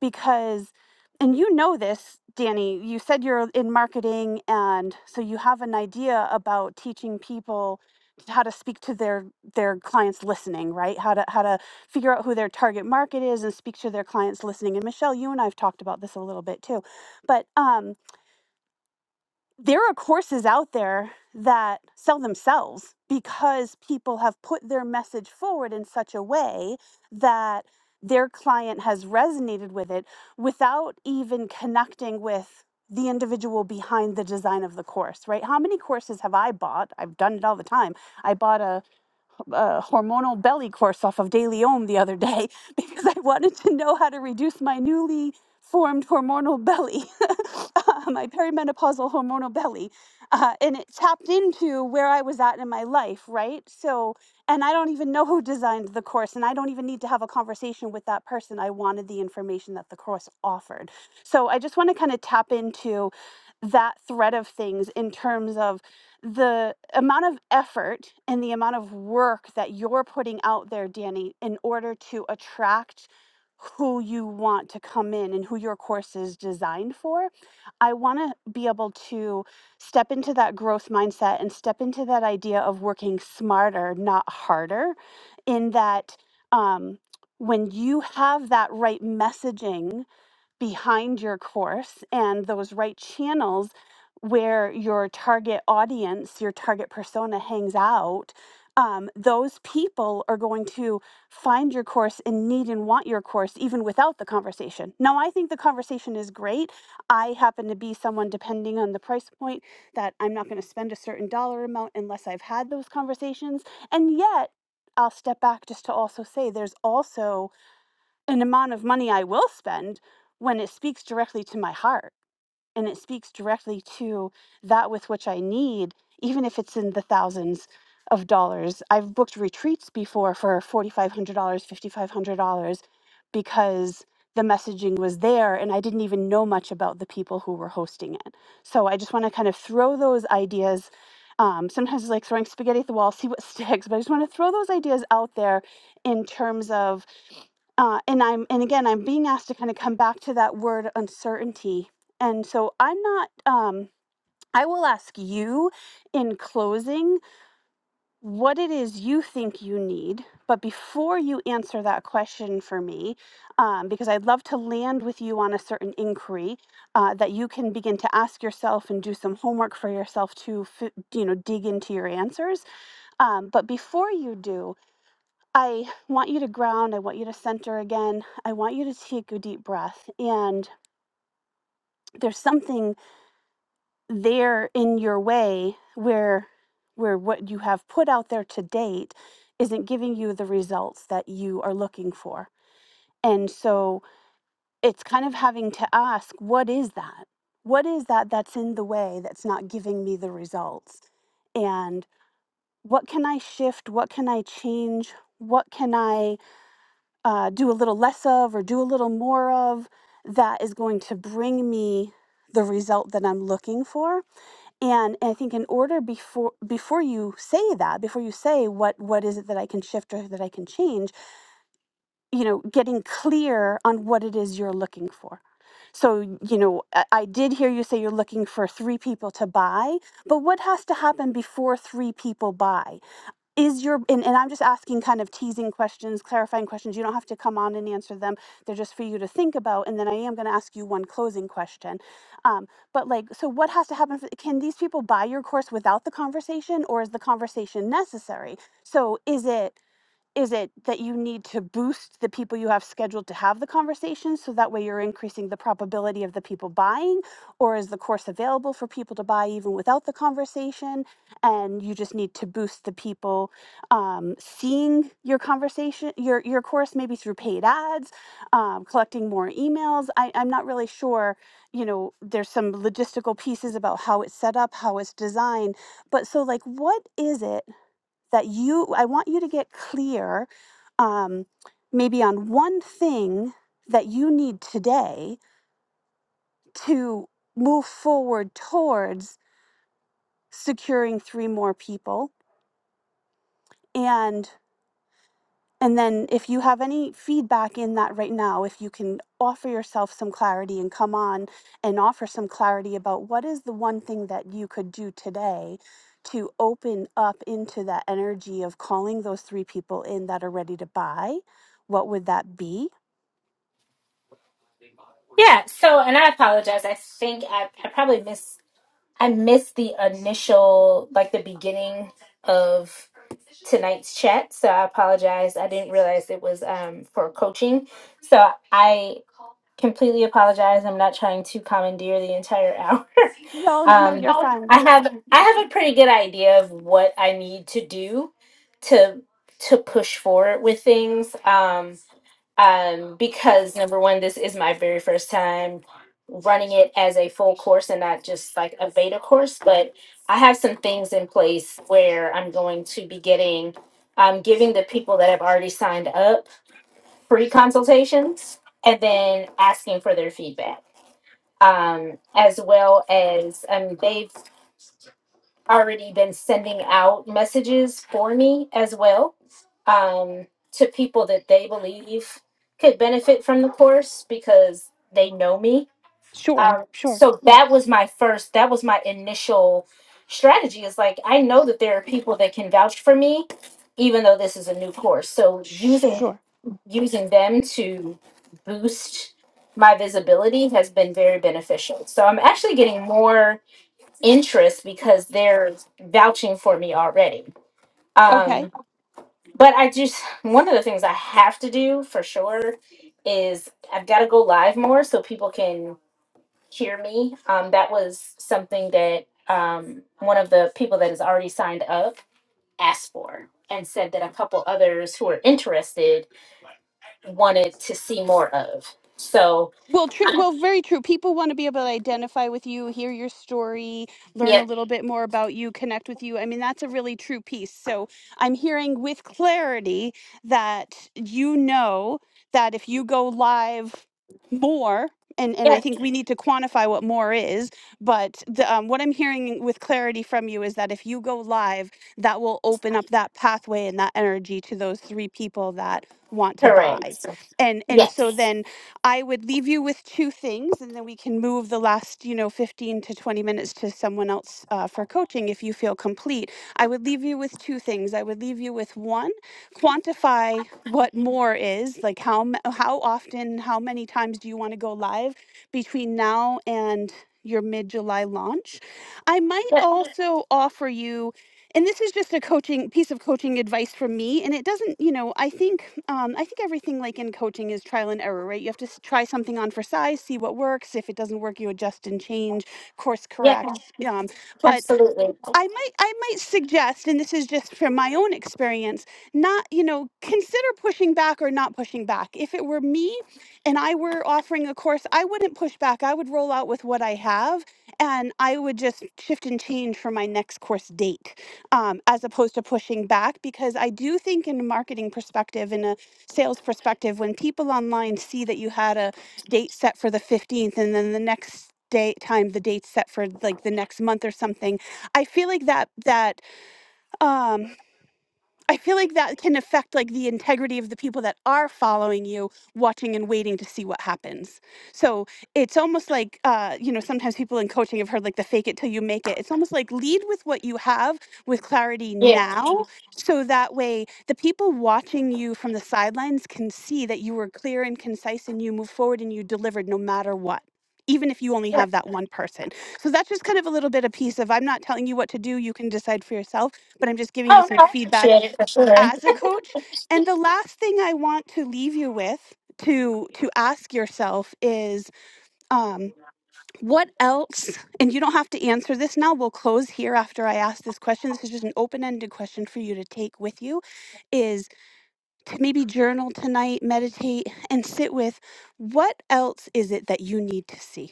[SPEAKER 1] because, and you know this, Danny. You said you're in marketing, and so you have an idea about teaching people how to speak to their their clients listening right how to how to figure out who their target market is and speak to their clients listening and michelle you and i've talked about this a little bit too but um there are courses out there that sell themselves because people have put their message forward in such a way that their client has resonated with it without even connecting with the individual behind the design of the course, right? How many courses have I bought? I've done it all the time. I bought a uh, hormonal belly course off of DailyOM the other day because I wanted to know how to reduce my newly formed hormonal belly, uh, my perimenopausal hormonal belly. Uh, and it tapped into where I was at in my life, right? So, and I don't even know who designed the course, and I don't even need to have a conversation with that person. I wanted the information that the course offered. So, I just want to kind of tap into that thread of things in terms of the amount of effort and the amount of work that you're putting out there, Danny, in order to attract who you want to come in and who your course is designed for, I want to be able to step into that growth mindset and step into that idea of working smarter, not harder, in that um, when you have that right messaging behind your course and those right channels where your target audience, your target persona hangs out, um, those people are going to find your course and need and want your course even without the conversation. Now, I think the conversation is great. I happen to be someone, depending on the price point, that I'm not going to spend a certain dollar amount unless I've had those conversations. And yet, I'll step back just to also say there's also an amount of money I will spend when it speaks directly to my heart and it speaks directly to that with which I need, even if it's in the thousands of dollars. I've booked retreats before for $4,500, $5,500 because the messaging was there and I didn't even know much about the people who were hosting it. So I just want to kind of throw those ideas. Um, sometimes it's like throwing spaghetti at the wall, see what sticks, but I just want to throw those ideas out there in terms of uh, and I'm and again I'm being asked to kind of come back to that word uncertainty and so I'm not, um, I will ask you in closing what it is you think you need. But before you answer that question for me, um, because I'd love to land with you on a certain inquiry uh, that you can begin to ask yourself and do some homework for yourself to, fi- you know, dig into your answers. Um, but before you do, I want you to ground. I want you to center again. I want you to take a deep breath. And there's something there in your way where where what you have put out there to date isn't giving you the results that you are looking for and so it's kind of having to ask what is that what is that that's in the way that's not giving me the results and what can i shift what can i change what can i uh, do a little less of or do a little more of that is going to bring me the result that i'm looking for and i think in order before before you say that before you say what what is it that i can shift or that i can change you know getting clear on what it is you're looking for so you know i I did hear you say you're looking for three people to buy but what has to happen before three people buy is your and, and i'm just asking kind of teasing questions clarifying questions you don't have to come on and answer them they're just for you to think about and then i am going to ask you one closing question um, but like so what has to happen for, can these people buy your course without the conversation or is the conversation necessary so is it is it that you need to boost the people you have scheduled to have the conversation so that way you're increasing the probability of the people buying or is the course available for people to buy even without the conversation and you just need to boost the people um, seeing your conversation your your course maybe through paid ads um, collecting more emails I, i'm not really sure you know there's some logistical pieces about how it's set up how it's designed but so like what is it that you, I want you to get clear um, maybe on one thing that you need today to move forward towards securing three more people. and. And then if you have any feedback in that right now, if you can offer yourself some clarity and come on and offer some clarity about what is the one thing that you could do today to open up into that energy of calling those three people in that are ready to buy, what would that be?
[SPEAKER 3] yeah, so and I apologize. I think I, I probably missed. I missed the initial, like the beginning of tonight's chat. So I apologize. I didn't realize it was um, for coaching. So I completely apologize. I'm not trying to commandeer the entire hour.
[SPEAKER 1] No, no, no,
[SPEAKER 3] um,
[SPEAKER 1] you're fine.
[SPEAKER 3] I have I have a pretty good idea of what I need to do to to push forward with things. Um, um, because number one, this is my very first time running it as a full course and not just like a beta course. But I have some things in place where I'm going to be getting, um, giving the people that have already signed up free consultations and then asking for their feedback. Um, as well as, I mean, they've already been sending out messages for me as well um, to people that they believe could benefit from the course because they know me.
[SPEAKER 1] Sure,
[SPEAKER 3] Um,
[SPEAKER 1] sure,
[SPEAKER 3] so that was my first, that was my initial strategy is like, I know that there are people that can vouch for me, even though this is a new course. So using,
[SPEAKER 1] sure.
[SPEAKER 3] using them to boost my visibility has been very beneficial. So I'm actually getting more interest because they're vouching for me already.
[SPEAKER 1] Okay.
[SPEAKER 3] Um, but I just one of the things I have to do for sure is I've got to go live more so people can hear me. Um, that was something that um, one of the people that is already signed up asked for and said that a couple others who are interested wanted to see more of. So
[SPEAKER 1] Well, true. Well, very true. People want to be able to identify with you, hear your story, learn a
[SPEAKER 3] yeah,
[SPEAKER 1] little bit more about you, connect with you. I mean, that's a really true piece. So I'm hearing with clarity that you know that if you go live more, and, and I
[SPEAKER 3] yeah,
[SPEAKER 1] think we need to quantify what more is, but the, um, what I'm hearing with clarity from you is that if you go live, that will open up that pathway and that energy to those three people that want to buy
[SPEAKER 3] correct.
[SPEAKER 1] and and so
[SPEAKER 3] Yes.
[SPEAKER 1] then I would leave you with two things, and then we can move the last, you know, 15 to 20 minutes to someone else uh, for coaching if you feel complete. I would leave you with two things. I would leave you with one, quantify what more is, like how m- how often, how many times do you want to go live between now and your mid July launch. I might
[SPEAKER 3] Yeah,
[SPEAKER 1] also offer you and this is just a coaching piece of coaching advice from me and it doesn't you know i think um, i think everything like in coaching is trial and error right you have to s- try something on for size see what works if it doesn't work you adjust and change course
[SPEAKER 3] yeah,
[SPEAKER 1] correct um, but
[SPEAKER 3] absolutely.
[SPEAKER 1] I might I might suggest, and this is just from my own experience, not, you know, consider pushing back or not pushing back. If it were me and I were offering a course, I wouldn't push back. I would roll out with what I have and I would just shift and change for my next course date um, as opposed to pushing back because I do think in a marketing perspective, in a sales perspective, when people online see that you had a date set for the 15th and then the next day time the date set for like the next month or something I feel like that that um I feel like that can affect like the integrity of the people that are following you, watching and waiting to see what happens. So it's almost like uh, you know sometimes people in coaching have heard like the fake it till you make it. It's almost like lead with what you have with clarity
[SPEAKER 3] Yeah.
[SPEAKER 1] now, so that way the people watching you from the sidelines can see that you were clear and concise and you moved forward and you delivered no matter what. Even if you only have that one person. So that's just kind of a little bit of piece of I'm not telling you what to do, you can decide for yourself but I'm just giving you
[SPEAKER 3] Oh
[SPEAKER 1] some
[SPEAKER 3] no, I
[SPEAKER 1] feedback
[SPEAKER 3] appreciate it for sure.
[SPEAKER 1] as a coach. And the last thing I want to leave you with to to ask yourself is um what else and you don't have to answer this now we'll close here after i ask this question this is just an open-ended question for you to take with you is to maybe journal tonight meditate and sit with what else is it that you need to see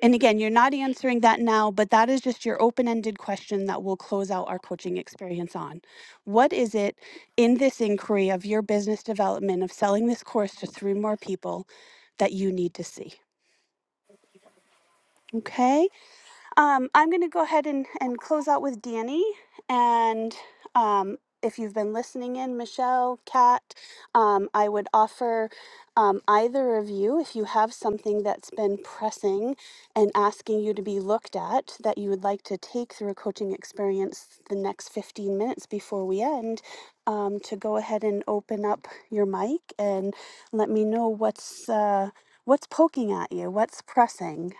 [SPEAKER 1] and again, you're not answering that now, but that is just your open ended question that we'll close out our coaching experience on. What is it in this inquiry of your business development, of selling this course to three more people, that you need to see? Okay. Um, I'm going to go ahead and, and close out with Danny. And um, if you've been listening in, Michelle, Kat, um, I would offer um, either of you, if you have something that's been pressing and asking you to be looked at that you would like to take through a coaching experience the next 15 minutes before we end, um, to go ahead and open up your mic and let me know what's. Uh, What's poking at you? What's pressing?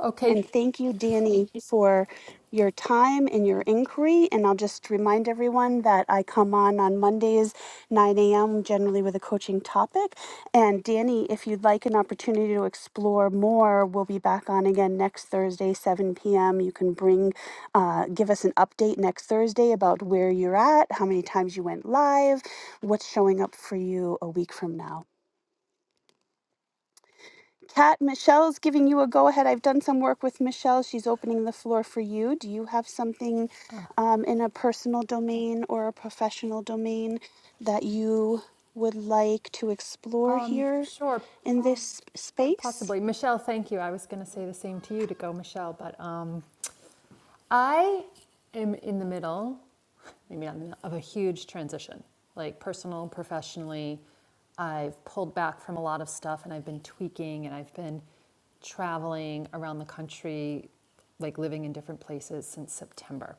[SPEAKER 4] Okay,
[SPEAKER 1] And thank you, Danny, for your time and your inquiry. And I'll just remind everyone that I come on on Mondays, 9 a.m., generally with a coaching topic. And Danny, if you'd like an opportunity to explore more, we'll be back on again next Thursday, 7 p.m. You can bring, uh, give us an update next Thursday about where you're at, how many times you went live, what's showing up for you a week from now. Kat, Michelle's giving you a go ahead. I've done some work with Michelle. She's opening the floor for you. Do you have something um, in a personal domain or a professional domain that you would like to explore
[SPEAKER 4] um,
[SPEAKER 1] here
[SPEAKER 4] sure,
[SPEAKER 1] in this sp- space?
[SPEAKER 4] possibly. Michelle, thank you. I was going to say the same to you to go, Michelle, but um, I am in the middle, maybe not in the middle, of a huge transition, like personal, professionally. I've pulled back from a lot of stuff and I've been tweaking and I've been traveling around the country, like living in different places since September.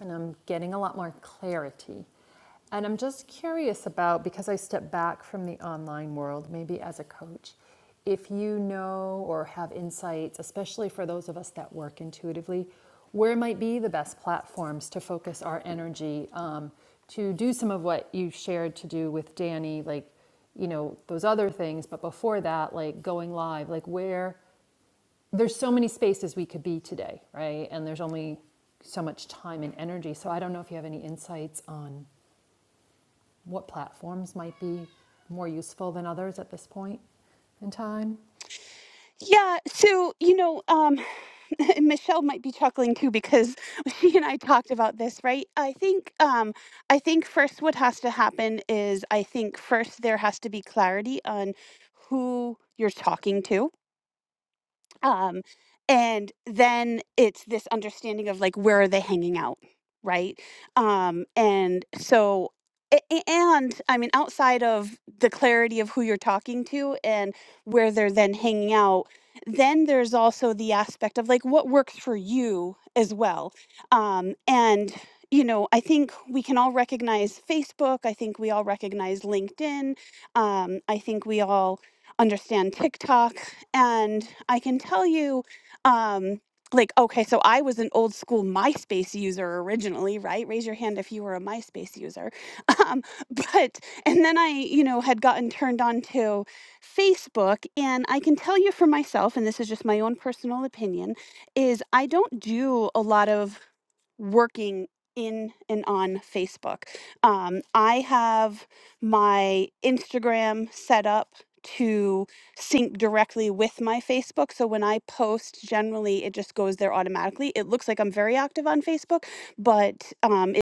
[SPEAKER 4] and I'm getting a lot more clarity. And I'm just curious about because I step back from the online world, maybe as a coach, if you know or have insights, especially for those of us that work intuitively, where might be the best platforms to focus our energy um, to do some of what you shared to do with Danny, like you know those other things but before that like going live like where there's so many spaces we could be today, right? And there's only so much time and energy. So I don't know if you have any insights on what platforms might be more useful than others at this point in time.
[SPEAKER 1] Yeah, so, you know, um, Michelle might be chuckling too because she and I talked about this, right? I think um I think first what has to happen is I think first there has to be clarity on who you're talking to um and then it's this understanding of like where are they hanging out right um and so a- a- and i mean outside of the clarity of who you're talking to and where they're then hanging out then there's also the aspect of like what works for you as well um and you know i think we can all recognize facebook i think we all recognize linkedin um i think we all understand tiktok and I can tell you, um, like, okay, so I was an old school MySpace user originally, right? Raise your hand if you were a MySpace user. Um, but, and then I, you know, had gotten turned on to Facebook. And I can tell you for myself, and this is just my own personal opinion, is I don't do a lot of working in and on Facebook. Um, I have my Instagram set up to sync directly with my Facebook. So when I post, generally it just goes there automatically. It looks like I'm very active on Facebook, but um, it-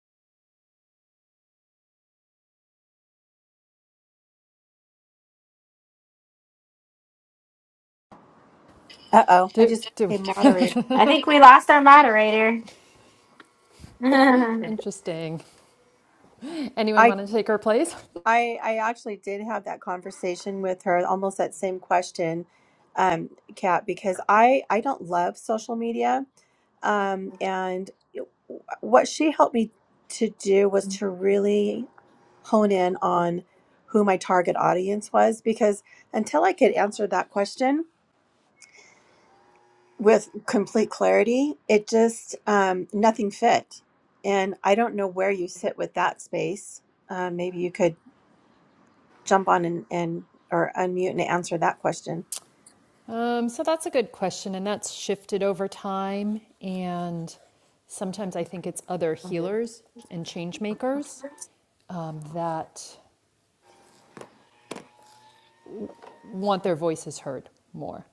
[SPEAKER 2] Uh oh, I
[SPEAKER 4] Do,
[SPEAKER 2] just
[SPEAKER 4] do we?
[SPEAKER 2] became moderator.
[SPEAKER 3] I think we lost our moderator. yeah,
[SPEAKER 4] Interesting. Anyone
[SPEAKER 2] I
[SPEAKER 4] want to take her place?
[SPEAKER 2] I, I actually did have that conversation with her, almost that same question, um, Kat, because I, I don't love social media. Um, and what she helped me to do was to really hone in on who my target audience was, because until I could answer that question with complete clarity, it just, um, nothing fit. And I don't know where you sit with that space. Um, maybe you could jump on and, and or unmute and answer that question.
[SPEAKER 4] Um, so that's a good question, and that's shifted over time. And sometimes I think it's other healers and change makers um, that want their voices heard more.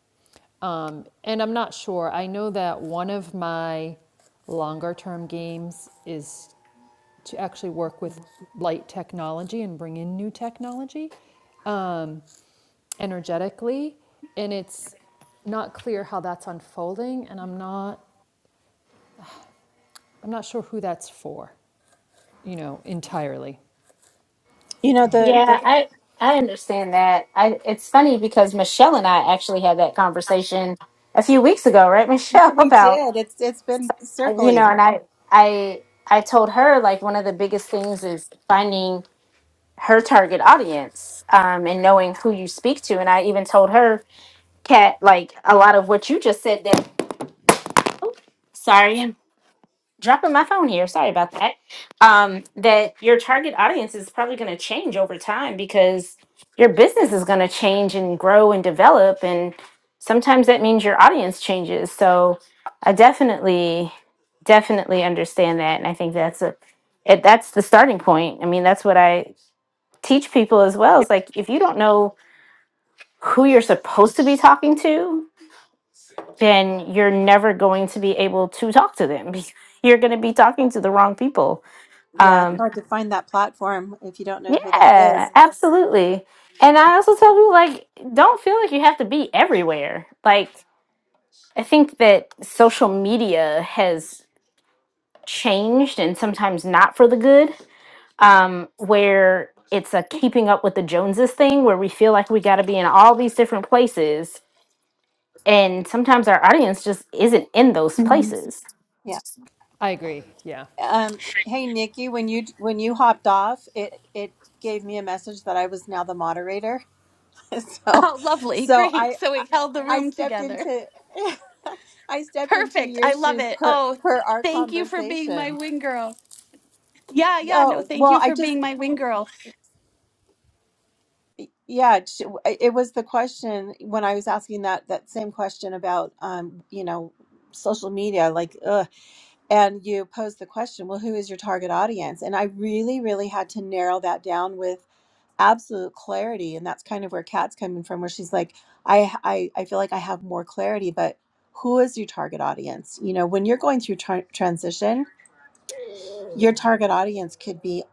[SPEAKER 4] Um, and I'm not sure. I know that one of my longer term games is to actually work with light technology and bring in new technology um, energetically. And it's not clear how that's unfolding. And I'm not, I'm not sure who that's for, you know, entirely.
[SPEAKER 2] You know, the, the
[SPEAKER 3] I I understand that. I it's funny because Michelle and I actually had that conversation a few weeks ago, right, Michelle?
[SPEAKER 2] We
[SPEAKER 3] About
[SPEAKER 2] did. It's it's been
[SPEAKER 3] uh, you know,
[SPEAKER 2] circling.
[SPEAKER 3] and I I I told her like one of the biggest things is finding her target audience um, and knowing who you speak to. And I even told her, Kat, like a lot of what you just said that. Sorry, dropping my phone here. Sorry about that. Um, that your target audience is probably going to change over time because your business is going to change and grow and develop. And sometimes that means your audience changes. So I definitely, definitely understand that. And I think that's a, it, that's the starting point. I mean, that's what I teach people as well. Is like, if you don't know who you're supposed to be talking to, then you're never going to be able to talk to them. You're going to be talking to the wrong people
[SPEAKER 2] Yeah, it's
[SPEAKER 3] um,
[SPEAKER 2] hard to find that platform if you don't know who that
[SPEAKER 3] yeah,
[SPEAKER 2] is.
[SPEAKER 3] absolutely. And I also tell people like, don't feel like you have to be everywhere. Like, I think that social media has changed and sometimes not for the good, um, where it's a keeping up with the Joneses thing, where we feel like we got to be in all these different places. And sometimes our audience just isn't in those
[SPEAKER 1] Mhm.
[SPEAKER 3] places.
[SPEAKER 2] Yeah.
[SPEAKER 4] I agree. Yeah.
[SPEAKER 2] Um. Hey, Nikki, when you when you hopped off, it it gave me a message that I was now the moderator. so,
[SPEAKER 1] oh, lovely,
[SPEAKER 2] so
[SPEAKER 1] great!
[SPEAKER 2] I
[SPEAKER 1] So
[SPEAKER 2] I
[SPEAKER 1] it held the
[SPEAKER 2] I
[SPEAKER 1] room
[SPEAKER 2] stepped
[SPEAKER 1] together.
[SPEAKER 2] into I stepped into
[SPEAKER 1] Perfect.
[SPEAKER 2] your
[SPEAKER 1] I love
[SPEAKER 2] shoes
[SPEAKER 1] it.
[SPEAKER 2] per
[SPEAKER 1] Oh,
[SPEAKER 2] per our
[SPEAKER 1] thank you for being my
[SPEAKER 2] conversation.
[SPEAKER 1] wing girl. Yeah, yeah. No,
[SPEAKER 2] Oh
[SPEAKER 1] thank
[SPEAKER 2] well,
[SPEAKER 1] you
[SPEAKER 2] I
[SPEAKER 1] for
[SPEAKER 2] just
[SPEAKER 1] being my wing girl.
[SPEAKER 2] Yeah, it sh- it was the question when I was asking that that same question about um, you know, social media, like, ugh, and you posed the question, well, who is your target audience? And I really, really had to narrow that down with absolute clarity, and that's kind of where Kat's coming from, where she's like, I, I, I feel like I have more clarity, but who is your target audience? You know, when you're going through tra- transition your target audience could be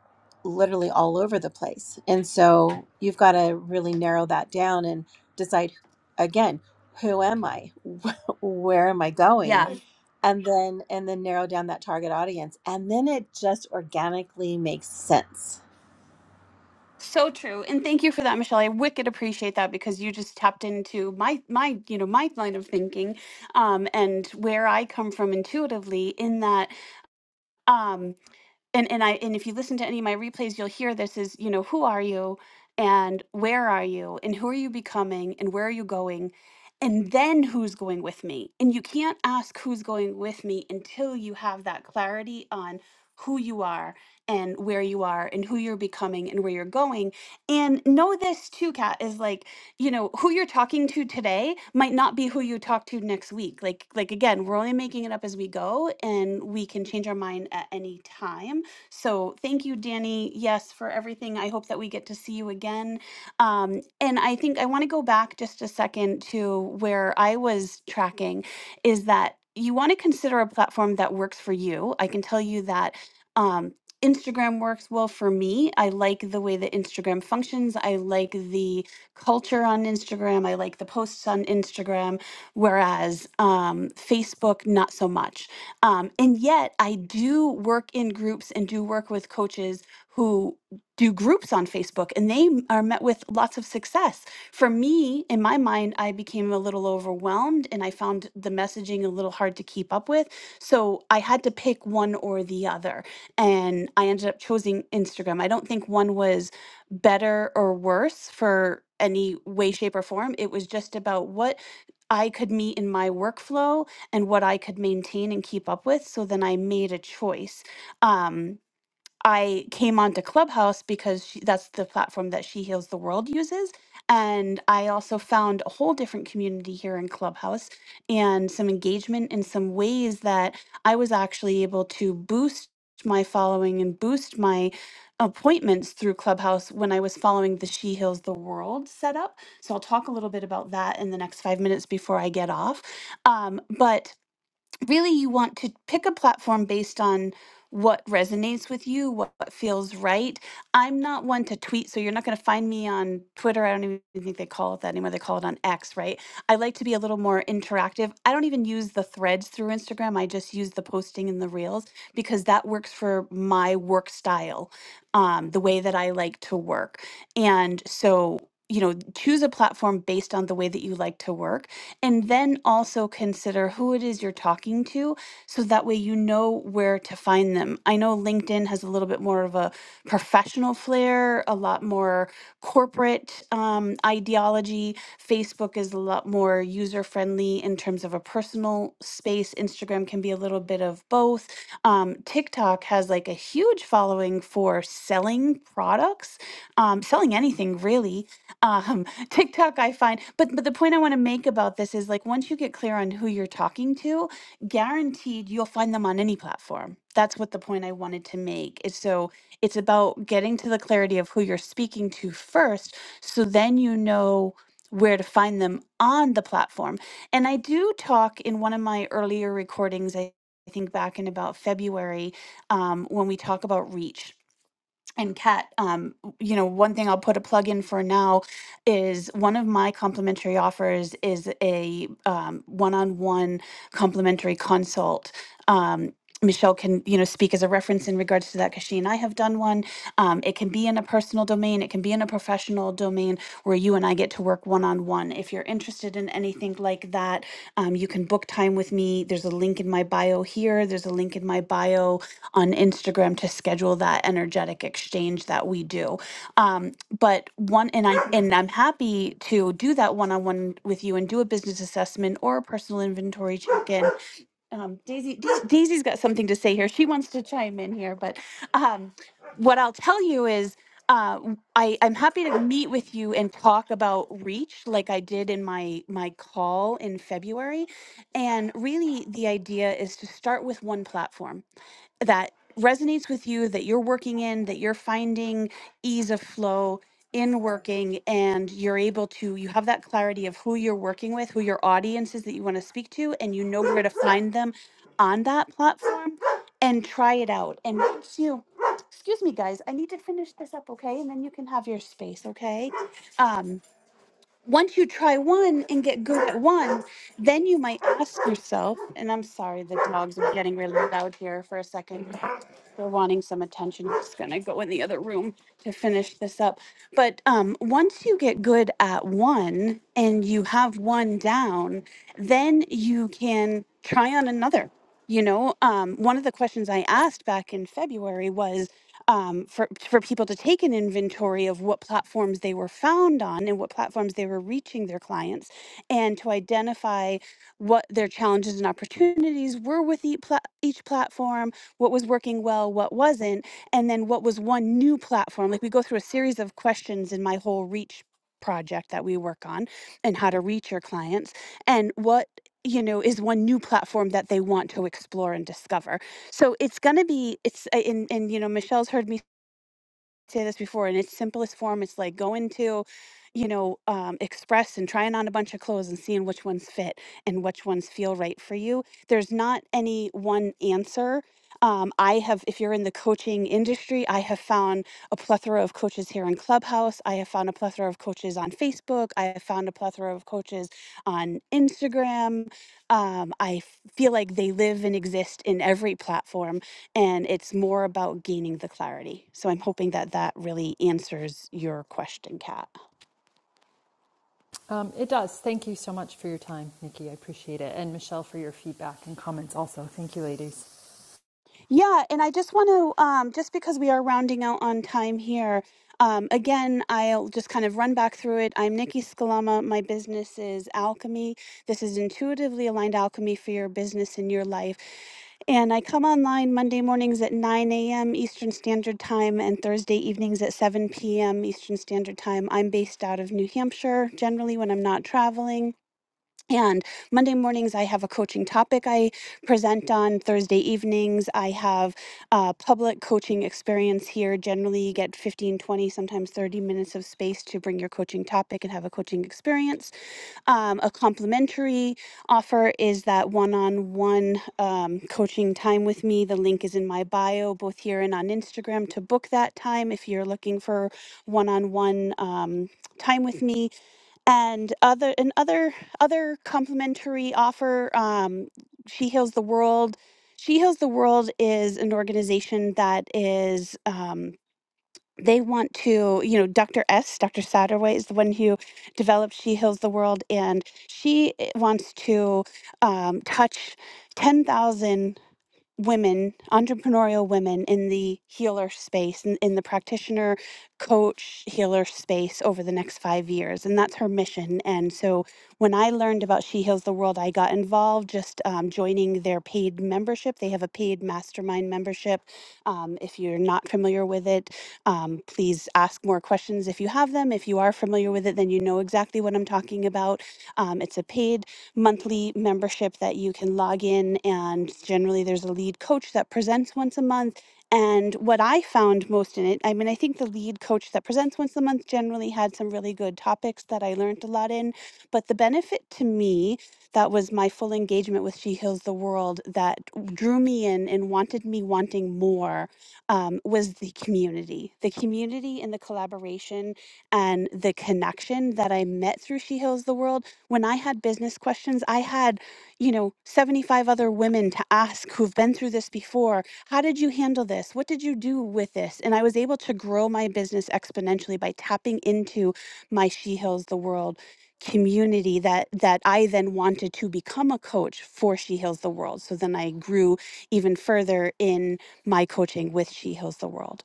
[SPEAKER 2] literally all over the place. And so you've got to really narrow that down and decide again, who am I? Where am I going?
[SPEAKER 1] Yeah.
[SPEAKER 2] And then and then narrow down that target audience. And then it just organically makes sense.
[SPEAKER 1] So true. And thank you for that, Michelle. I wicked appreciate that because you just tapped into my my, you know, my line of thinking um and where I come from intuitively in that um. and and I and if you listen to any of my replays, you'll hear this is you know who are you and where are you and who are you becoming and where are you going and then who's going with me and you can't ask who's going with me until you have that clarity on who you are and where you are and who you're becoming and where you're going and know this too kat is like you know who you're talking to today might not be who you talk to next week like like again we're only making it up as we go and we can change our mind at any time so thank you, Danny, yes, for everything. I hope that we get to see you again. Um, and I think I want to go back just a second to where I was tracking is that you want to consider a platform that works for you. I can tell you that. Um, Instagram works well for me. I like the way that Instagram functions. I like the culture on Instagram. I like the posts on Instagram. Whereas um, Facebook, not so much. Um, and yet, I do work in groups and do work with coaches who do groups on Facebook, and they m- are met with lots of success. For me, in my mind, I became a little overwhelmed and I found the messaging a little hard to keep up with. So I had to pick one or the other. And I ended up choosing Instagram. I don't think one was better or worse for any way, shape, or form. It was just about what I could meet in my workflow and what I could maintain and keep up with. So then I made a choice. Um, I came onto Clubhouse because she, that's the platform that She Heals the World uses. And I also found a whole different community here in Clubhouse and some engagement in some ways that I was actually able to boost my following and boost my appointments through Clubhouse when I was following the She Heals the World setup. So I'll talk a little bit about that in the next five minutes before I get off. Um, but really you want to pick a platform based on what resonates with you, what, what feels right. I'm not one to tweet, so you're not going to find me on Twitter. I don't even think they call it that anymore. They call it on X, right? I like to be a little more interactive. I don't even use the threads through Instagram. I just use the posting and the reels because that works for my work style, um, the way that I like to work. And so, you know, choose a platform based on the way that you like to work and then also consider who it is you're talking to so that way you know where to find them. I know LinkedIn has a little bit more of a professional flair, a lot more corporate um, ideology. Facebook is a lot more user friendly in terms of a personal space. Instagram can be a little bit of both. Um, TikTok has like a huge following for selling products, um, selling anything really. Um, TikTok, I find. But but the point I want to make about this is like once you get clear on who you're talking to, guaranteed you'll find them on any platform. That's what the point I wanted to make. Is so it's about getting to the clarity of who you're speaking to first, so then you know where to find them on the platform. And I do talk in one of my earlier recordings, I I think back in about February, um, when we talk about reach. And Kat, um, you know, one thing I'll put a plug in for now is one of my complimentary offers is a um, one-on-one complimentary consult. Um, Michelle can, you know, speak as a reference in regards to that because she and I have done one. Um, it can be in a personal domain, it can be in a professional domain where you and I get to work one-on-one. If you're interested in anything like that, um, you can book time with me. There's a link in my bio here. There's a link in my bio on Instagram to schedule that energetic exchange that we do. Um, but one and I and I'm happy to do that one on one with you and do a business assessment or a personal inventory check in. Um, Daisy Dais- Daisy's got something to say here. She wants to chime in here, but um, what I'll tell you is. Uh, w- I, I'm happy to meet with you and talk about reach like I did in my my call in February. And really the idea is to start with one platform that resonates with you that you're working in that you're finding ease of flow in working and you're able to you have that clarity of who you're working with who your audience is that you want to speak to and you know where to find them on that platform and try it out and once you excuse me guys i need to finish this up okay and then you can have your space okay um once you try one and get good at one then you might ask yourself and i'm sorry the dogs are getting really loud here for a second they're wanting some attention. I'm just gonna go in the other room to finish this up. But um, once you get good at one and you have one down, then you can try on another. You know, um, one of the questions I asked back in February was um, for for people to take an inventory of what platforms they were found on and what platforms they were reaching their clients, and to identify what their challenges and opportunities were with each, pla- each platform what was working well, what wasn't, and then what was one new platform. Like we go through a series of questions in my whole reach project that we work on and how to reach your clients and what you know is one new platform that they want to explore and discover so it's going to be it's uh, and and you know michelle's heard me say this before in its simplest form it's like going to you know um, express and trying on a bunch of clothes and seeing which ones fit and which ones feel right for you there's not any one answer um, i have if you're in the coaching industry i have found a plethora of coaches here in clubhouse i have found a plethora of coaches on facebook i have found a plethora of coaches on instagram um, i f- feel like they live and exist in every platform and it's more about gaining the clarity. So I'm hoping that that really answers your question, Kat.
[SPEAKER 4] Um, it does. Thank you so much for your time, Nikki. I appreciate it. And Michelle for your feedback and comments also. Thank you, ladies.
[SPEAKER 1] Yeah, and I just want to, um, just because we are rounding out on time here, um, again, I'll just kind of run back through it. I'm Nikki Scalama. My business is Alchemy. This is intuitively aligned alchemy for your business and your life. And I come online Monday mornings at 9 a.m. Eastern Standard Time and Thursday evenings at 7 p.m. Eastern Standard Time. I'm based out of New Hampshire generally when I'm not traveling. And Monday mornings, I have a coaching topic I present on. Thursday evenings, I have a public coaching experience here. Generally, you get 15, 20, sometimes 30 minutes of space to bring your coaching topic and have a coaching experience. Um, a complimentary offer is that one on one coaching time with me. The link is in my bio, both here and on Instagram, to book that time if you're looking for one on one time with me and other and other other complimentary offer um she heals the world she heals the world is an organization that is um they want to you know dr s dr satterway is the one who developed she heals the world and she eh, wants to um, touch 10000 women, entrepreneurial women in the healer space, in, in the practitioner, coach, healer space over the next five years. And that's her mission. And so when I learned about She Heals the World, I got involved just um, joining their paid membership. They have a paid mastermind membership. Um, if you're not familiar with it, um, please ask more questions if you have them. If you are familiar with it, then you know exactly what I'm talking about. Um, it's a paid monthly membership that you can log in and generally there's a lead coach that presents once a month and what i found most in it i mean i think the lead coach that presents once a month generally had some really good topics that i learned a lot in but the benefit to me that was my full engagement with she heals the world that drew me in and wanted me wanting more um, was the community the community and the collaboration and the connection that i met through she heals the world when I had business questions, I had, you know, 75 other women to ask who've been through this before. How did you handle this? What did you do with this? And I was able to grow my business exponentially by tapping into my She Heals the World community that that I then wanted to become a coach for She Heals the World. So then I grew even further in my coaching with She Heals the World.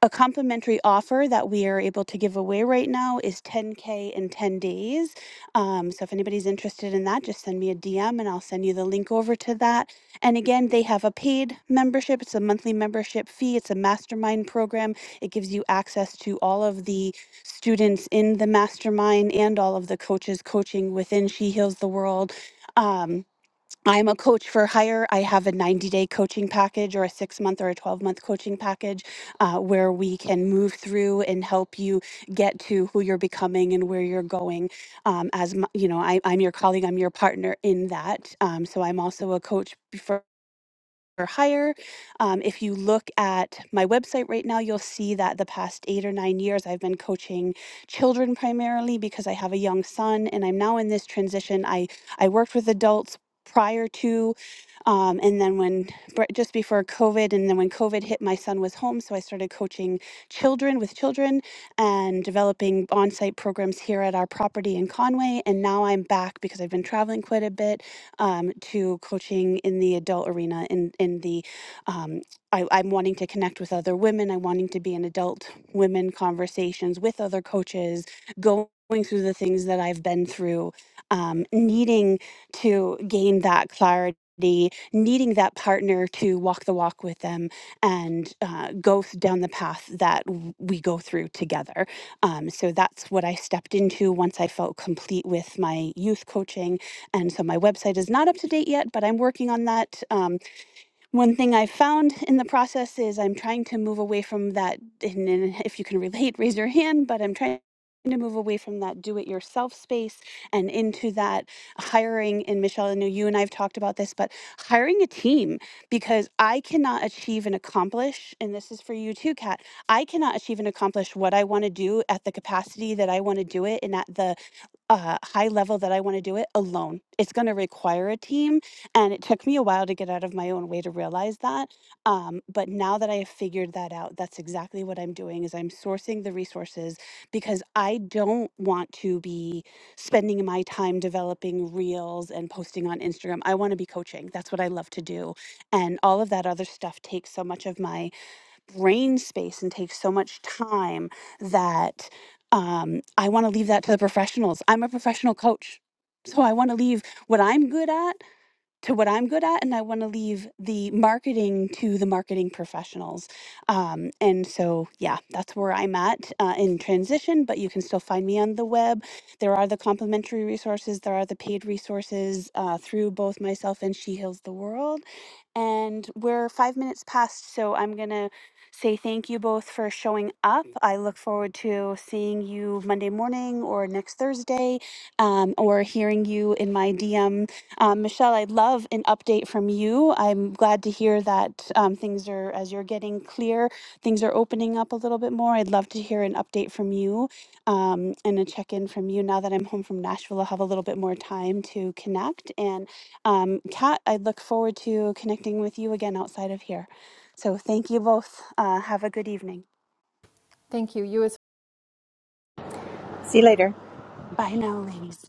[SPEAKER 1] A complimentary offer that we are able to give away right now is 10K in 10 days um, so if anybody's interested in that, just send me a DM and I'll send you the link over to that. And again, they have a paid membership, it's a monthly membership fee, it's a mastermind program. It gives you access to all of the students in the mastermind and all of the coaches coaching within She Heals the World. Um, I'm a coach for hire. I have a 90 day coaching package or a six month or a 12 month coaching package uh, where we can move through and help you get to who you're becoming and where you're going. Um, as my, you know, I, I'm your colleague, I'm your partner in that. Um, so I'm also a coach. for or higher. Um, if you look at my website right now, you'll see that the past eight or nine years I've been coaching children primarily because I have a young son and I'm now in this transition. I, I worked with adults prior to um, and then when br- just before covid and then when covid hit my son was home so i started coaching children with children and developing on-site programs here at our property in conway and now i'm back because i've been traveling quite a bit um, to coaching in the adult arena in in the um, I, I'm wanting to connect with other women. I'm wanting to be in adult women conversations with other coaches, going through the things that I've been through, um, needing to gain that clarity, needing that partner to walk the walk with them and uh, go th- down the path that w- we go through together. Um, so that's what I stepped into once I felt complete with my youth coaching and so my website is not up to date yet, but I'm working on that. Um, one thing I found in the process is I'm trying to move away from that. And, and if you can relate, raise your hand. But I'm trying to move away from that do-it-yourself space and into that hiring. And Michelle, I know you and I have talked about this, but hiring a team because I cannot achieve and accomplish. And this is for you too, Kat. I cannot achieve and accomplish what I want to do at the capacity that I want to do it and at the uh, high level that I want to do it alone. It's going to require a team. And it took me a while to get out of my own way to realize that. Um, but now that I have figured that out, that's exactly what I'm doing is I'm sourcing the resources because I don't want to be spending my time developing reels and posting on Instagram. I want to be coaching. That's what I love to do. And all of that other stuff takes so much of my brain space and takes so much time that um, I want to leave that to the professionals. I'm a professional coach. So I want to leave what I'm good at to what I'm good at, and I want to leave the marketing to the marketing professionals. Um, and so, yeah, that's where I'm at uh, in transition, but you can still find me on the web. There are the complimentary resources, there are the paid resources uh, through both myself and She Heals the World. And we're five minutes past, so I'm going to say thank you both for showing up. I look forward to seeing you Monday morning or next Thursday um, or hearing you in my DM um, Michelle, I'd love an update from you. I'm glad to hear that um, things are, as you're getting clear, things are opening up a little bit more. I'd love to hear an update from you um, and a check in from you. Now that I'm home from Nashville, I'll have a little bit more time to connect. And um, Kat, I look forward to connecting with you again outside of here. So thank you both. Uh, have a good evening.
[SPEAKER 4] Thank you. You as
[SPEAKER 2] See you later.
[SPEAKER 1] Bye now, ladies.